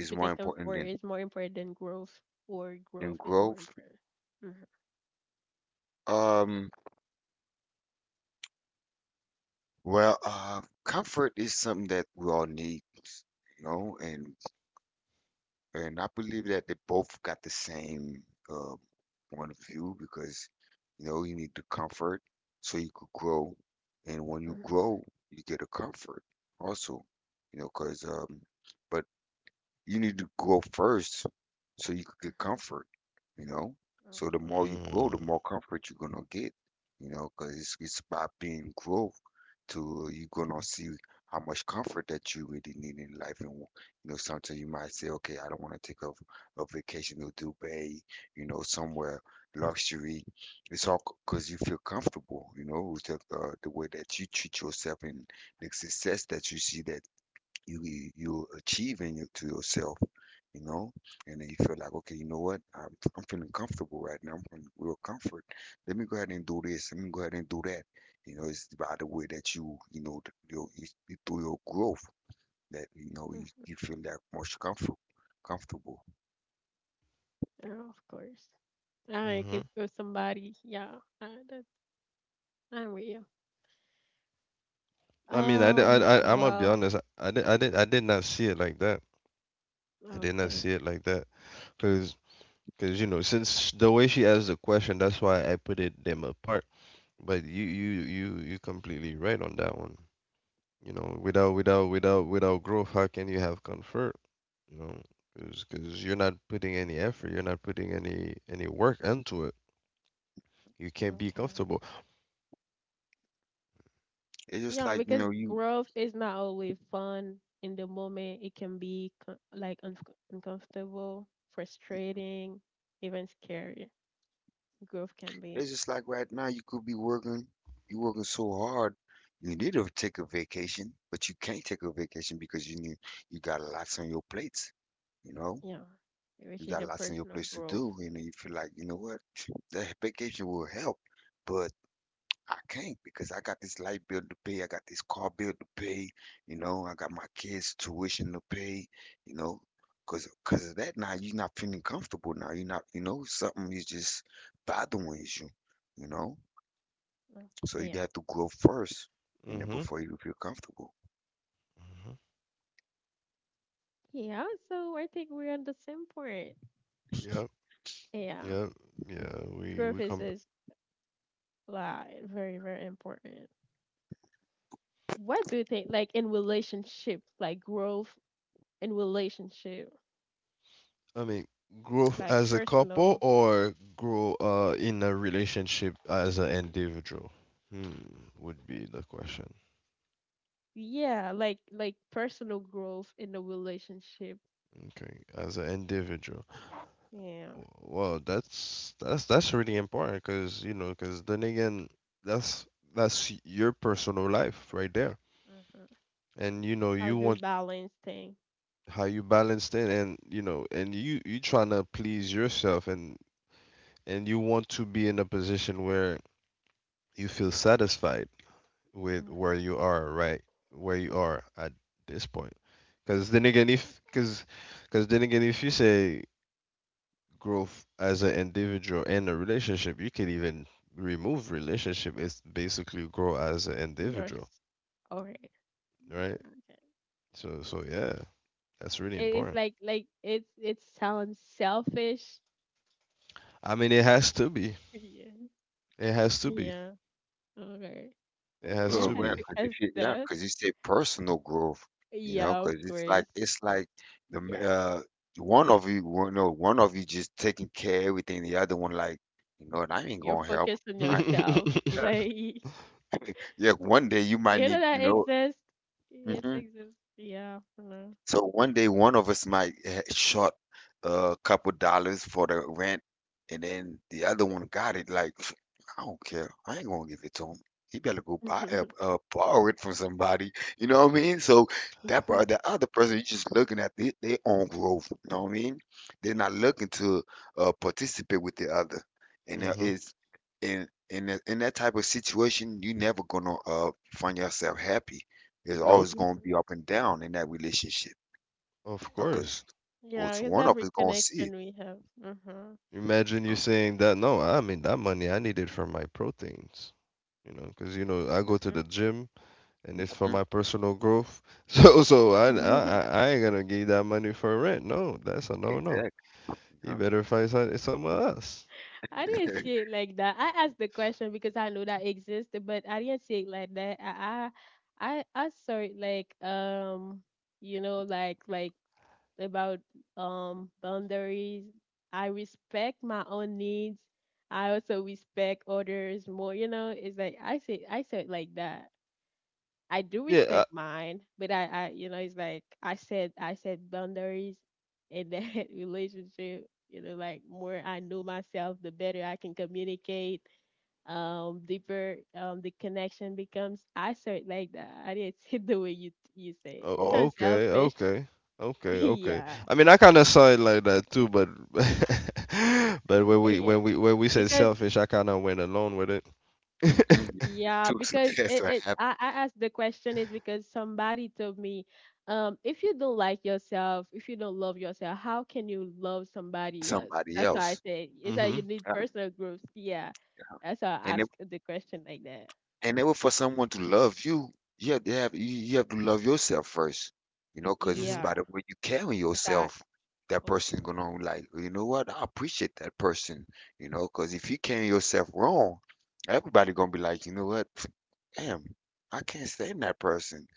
[SPEAKER 1] If you
[SPEAKER 2] more
[SPEAKER 1] take
[SPEAKER 2] important
[SPEAKER 1] comfort
[SPEAKER 2] than
[SPEAKER 1] is more important than growth, or growth is more
[SPEAKER 2] growth.
[SPEAKER 1] important. Hmm.
[SPEAKER 2] Um, well, comfort is something that we all need, you know, and I believe that they both got the same uh, point of view because you know you need the comfort so you could grow, and when you grow,
[SPEAKER 1] Hmm.
[SPEAKER 2] you get a comfort also, you know, because but you need to grow first so you could get
[SPEAKER 1] Hmm.
[SPEAKER 2] comfort, you know? So the
[SPEAKER 1] Okay.
[SPEAKER 2] more you grow,
[SPEAKER 3] Mm.
[SPEAKER 2] the more comfort you're gonna get, you know, 'cause it's about being growth to you're gonna see how much comfort that you really need in life. And, you know, sometimes you might say, okay, I don't want to take a vacation to Dubai, you know, somewhere luxury. It's all because you feel comfortable, you know, with the way that you treat yourself and the success that you see that you're achieving it to yourself, you know, and then you feel like, okay, you know what, I'm feeling comfortable right now. I'm feeling real comfort. Let me go ahead and do this. Let me go ahead and do that. You know, it's by the way that you know, you, through your growth that you know you,
[SPEAKER 1] Hmm.
[SPEAKER 2] you feel that most comfortable. Comfortable.
[SPEAKER 1] Oh, of course. All right.
[SPEAKER 3] Mhm.
[SPEAKER 1] If somebody, yeah, that, I'm with you.
[SPEAKER 3] I mean, I'm gonna be
[SPEAKER 1] Well.
[SPEAKER 3] honest. I did not see it like that. I did not
[SPEAKER 1] Okay.
[SPEAKER 3] see it like that, because you know, since the way she asked the question, that's why I put it them apart. But you completely right on that one. You know,
[SPEAKER 1] Hmm.
[SPEAKER 3] without growth, how can you have comfort? You know, because you're not putting any effort, you're not putting any work into it. You can't be
[SPEAKER 1] Okay.
[SPEAKER 3] comfortable.
[SPEAKER 2] It's just
[SPEAKER 1] Yeah,
[SPEAKER 2] like you
[SPEAKER 1] because
[SPEAKER 2] know you.
[SPEAKER 1] growth is not always fun in the moment. It can be like unf uncomfortable, frustrating, even scary. Growth can be,
[SPEAKER 2] It's just like right now you could be working. You working so hard. You need to take a vacation, but you can't take a vacation because you got lots on your plates. You know
[SPEAKER 1] yeah,
[SPEAKER 2] you
[SPEAKER 1] which is
[SPEAKER 2] got
[SPEAKER 1] your
[SPEAKER 2] lots in your
[SPEAKER 1] personal
[SPEAKER 2] place to
[SPEAKER 1] growth.
[SPEAKER 2] do, and you feel like, you know what, that vacation will help, but I can't because I got this light bill to pay, I got this car bill to pay, you know, I got my kids' tuition to pay, you know, because of that now you're not feeling comfortable now. You're not, you know, something is just bothering you, you know.
[SPEAKER 1] Like,
[SPEAKER 2] So you
[SPEAKER 1] yeah.
[SPEAKER 2] have to grow first, you know,
[SPEAKER 3] Mhm.
[SPEAKER 2] before you feel comfortable.
[SPEAKER 3] Mhm.
[SPEAKER 1] Yeah, so I think we're on the same point.
[SPEAKER 3] Yeah.
[SPEAKER 1] Yeah,
[SPEAKER 3] Yeah. Yeah.
[SPEAKER 1] growth
[SPEAKER 3] We come.
[SPEAKER 1] is like very, very important. What do you think, like in relationship, like growth in relationship,
[SPEAKER 3] I mean, growth
[SPEAKER 1] like
[SPEAKER 3] as a couple
[SPEAKER 1] personal?
[SPEAKER 3] or grow in a relationship as an individual? Hmm, would be the question.
[SPEAKER 1] Yeah, like personal growth in the relationship.
[SPEAKER 3] Okay, as an individual.
[SPEAKER 1] Yeah.
[SPEAKER 3] Well, that's really important, because you know, because then again, that's that's your personal life right there,
[SPEAKER 1] Uh-huh.
[SPEAKER 3] and you know,
[SPEAKER 1] How
[SPEAKER 3] you
[SPEAKER 1] do you
[SPEAKER 3] want
[SPEAKER 1] balance thing?
[SPEAKER 3] how you balanced it, and you know, and you trying to please yourself, and you want to be in a position where you feel satisfied with
[SPEAKER 1] Uh-huh.
[SPEAKER 3] where you are, where you are at this point. Because then again if because because then again, if you say growth as an individual and a relationship, you can even remove relationship. It's basically grow as an individual,
[SPEAKER 1] Yours. Okay.
[SPEAKER 3] right?
[SPEAKER 1] Okay.
[SPEAKER 3] So so yeah, that's really
[SPEAKER 1] It is
[SPEAKER 3] important.
[SPEAKER 1] like it's it sounds selfish.
[SPEAKER 3] I mean it has to be
[SPEAKER 1] Yeah.
[SPEAKER 3] it has to be
[SPEAKER 1] Yeah. Okay.
[SPEAKER 3] It
[SPEAKER 1] Okay,
[SPEAKER 3] has
[SPEAKER 1] I
[SPEAKER 2] Well,
[SPEAKER 3] to
[SPEAKER 1] had
[SPEAKER 3] be.
[SPEAKER 1] to
[SPEAKER 2] cause if
[SPEAKER 1] ask
[SPEAKER 2] you, yeah,
[SPEAKER 1] that.
[SPEAKER 2] cause you said personal growth, you know,
[SPEAKER 1] Yeah, of
[SPEAKER 2] cause
[SPEAKER 1] course.
[SPEAKER 2] it's like the m-
[SPEAKER 1] Yeah.
[SPEAKER 2] one of you, one- no, one of you just taking care of everything, the other one like, you know, and I ain't
[SPEAKER 1] You're
[SPEAKER 2] gonna help.
[SPEAKER 1] focused on
[SPEAKER 2] I
[SPEAKER 3] Hmm.
[SPEAKER 1] yourself.
[SPEAKER 2] yeah,
[SPEAKER 1] Like you
[SPEAKER 2] yeah. One day you might
[SPEAKER 1] know
[SPEAKER 2] need,
[SPEAKER 1] that
[SPEAKER 2] you know.
[SPEAKER 1] exists. It
[SPEAKER 2] Mhm.
[SPEAKER 1] exists. Yeah. I
[SPEAKER 2] So one day, one of us might short a couple dollars for the rent, and then the other one got it. Like, I don't care. I ain't gonna give it to him. He better go buy borrow it from somebody. You know what I mean? So that
[SPEAKER 1] know.
[SPEAKER 2] part, the other person, you just looking at the, their own growth. You know what I mean? They're not looking to participate with the other, and it's in that type of situation, you never gonna find yourself happy. It's
[SPEAKER 3] Nope.
[SPEAKER 2] always gonna be up and down in that relationship.
[SPEAKER 3] Of course.
[SPEAKER 2] Cause
[SPEAKER 1] Yeah,
[SPEAKER 2] what's
[SPEAKER 1] it's
[SPEAKER 2] one of
[SPEAKER 1] every
[SPEAKER 2] us gonna see it,
[SPEAKER 1] connection we have. Uh huh.
[SPEAKER 3] Imagine you
[SPEAKER 2] huh?
[SPEAKER 3] saying that. No, I mean, that money I needed for my proteins, you know, because you know I go to the gym, and it's for
[SPEAKER 2] Mhm,
[SPEAKER 3] my personal growth. So
[SPEAKER 1] Mm-hmm.
[SPEAKER 3] I ain't gonna give that money for rent. No, that's a no no.
[SPEAKER 2] exactly,
[SPEAKER 3] He
[SPEAKER 2] huh?
[SPEAKER 3] better find some, somewhere else.
[SPEAKER 1] I didn't see it like that. I asked the question because I know that exists, but I didn't see it like that. I saw it like you know like about boundaries. I respect my own needs. I also respect others more. You know, it's like I say I saw it like that. I do
[SPEAKER 3] Yeah. I,
[SPEAKER 1] respect mine, but I, you know, it's like I said boundaries in that relationship. You know, like more I know myself, the better I can communicate. Deeper, the connection becomes. I saw it like that. I didn't see the way you you say it.
[SPEAKER 3] oh,
[SPEAKER 1] It's
[SPEAKER 2] Well,
[SPEAKER 3] okay.
[SPEAKER 1] unselfish.
[SPEAKER 3] Okay. Okay. Okay.
[SPEAKER 1] Yeah,
[SPEAKER 3] I mean, I kind of saw it like that too, but but
[SPEAKER 1] yeah.
[SPEAKER 3] when we said
[SPEAKER 1] Because
[SPEAKER 3] selfish, I kind of went along with it.
[SPEAKER 2] mhm,
[SPEAKER 1] yeah, because it,
[SPEAKER 2] that's what
[SPEAKER 1] it
[SPEAKER 2] happened
[SPEAKER 1] I asked the question is because somebody told me, if you don't like yourself, if you don't love yourself, how can you love
[SPEAKER 2] to
[SPEAKER 1] somebody else?
[SPEAKER 2] somebody
[SPEAKER 1] That's why I
[SPEAKER 2] else.
[SPEAKER 1] said is that you
[SPEAKER 3] Mhm.
[SPEAKER 1] need
[SPEAKER 2] Yeah.
[SPEAKER 1] personal growth. Yeah. That's why I
[SPEAKER 2] And it
[SPEAKER 1] asked the question like that.
[SPEAKER 2] and it was for someone to love you, you have to have to love yourself first, you know, cause it's
[SPEAKER 3] Mhm.
[SPEAKER 2] by
[SPEAKER 1] Yeah.
[SPEAKER 2] the way you carry
[SPEAKER 1] That's why I,
[SPEAKER 2] yourself, that
[SPEAKER 1] of
[SPEAKER 2] person
[SPEAKER 1] course.
[SPEAKER 2] gonna like, "Well, you know what? I appreciate that person," you know, cause if you carry yourself wrong, everybody gonna be like, "You know what? Damn, I can't stand that person."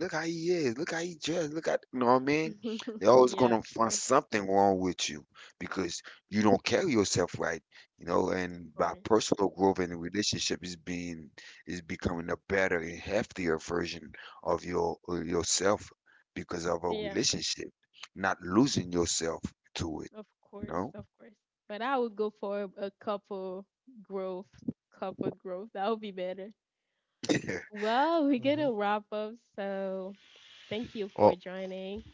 [SPEAKER 2] Look how he is. Look how he dressed. Look at you know what I mean? They're always
[SPEAKER 1] Yeah,
[SPEAKER 2] gonna
[SPEAKER 1] of
[SPEAKER 2] find
[SPEAKER 1] course, of
[SPEAKER 2] something wrong with you because you don't carry yourself right, you know, and by
[SPEAKER 1] course.
[SPEAKER 2] personal growth in the relationship is becoming a better and heftier version of your yourself because of a
[SPEAKER 1] Yeah,
[SPEAKER 2] relationship, not losing yourself to it,
[SPEAKER 1] of
[SPEAKER 2] you
[SPEAKER 1] course,
[SPEAKER 2] know?
[SPEAKER 1] of course. But I would go for a couple growth, couple growth. That would be better. Well, we're
[SPEAKER 3] Hmm.
[SPEAKER 1] gonna wrap up. So thank you
[SPEAKER 3] Oh.
[SPEAKER 1] for joining.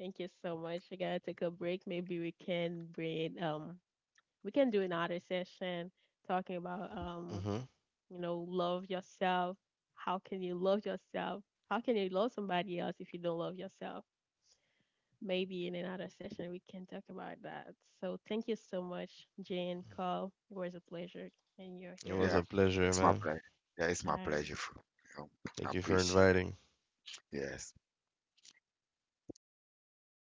[SPEAKER 1] Thank you so much. I gotta take a break. Maybe we can bring we can do another session talking about
[SPEAKER 3] Mhm.
[SPEAKER 1] you know, love yourself. How can you love yourself? How can you love somebody else if you don't love yourself? Maybe in another session we can talk about that. So thank you so much, Jane Cole. It was a pleasure and you're
[SPEAKER 3] It
[SPEAKER 1] here.
[SPEAKER 3] was a
[SPEAKER 2] Yeah.
[SPEAKER 3] pleasure,
[SPEAKER 2] It's my
[SPEAKER 3] man.
[SPEAKER 2] pleasure. Yeah, it's my
[SPEAKER 1] Bye.
[SPEAKER 2] pleasure. For, you know, I
[SPEAKER 3] Thank you for
[SPEAKER 2] appreciate
[SPEAKER 3] inviting.
[SPEAKER 2] it. Yes.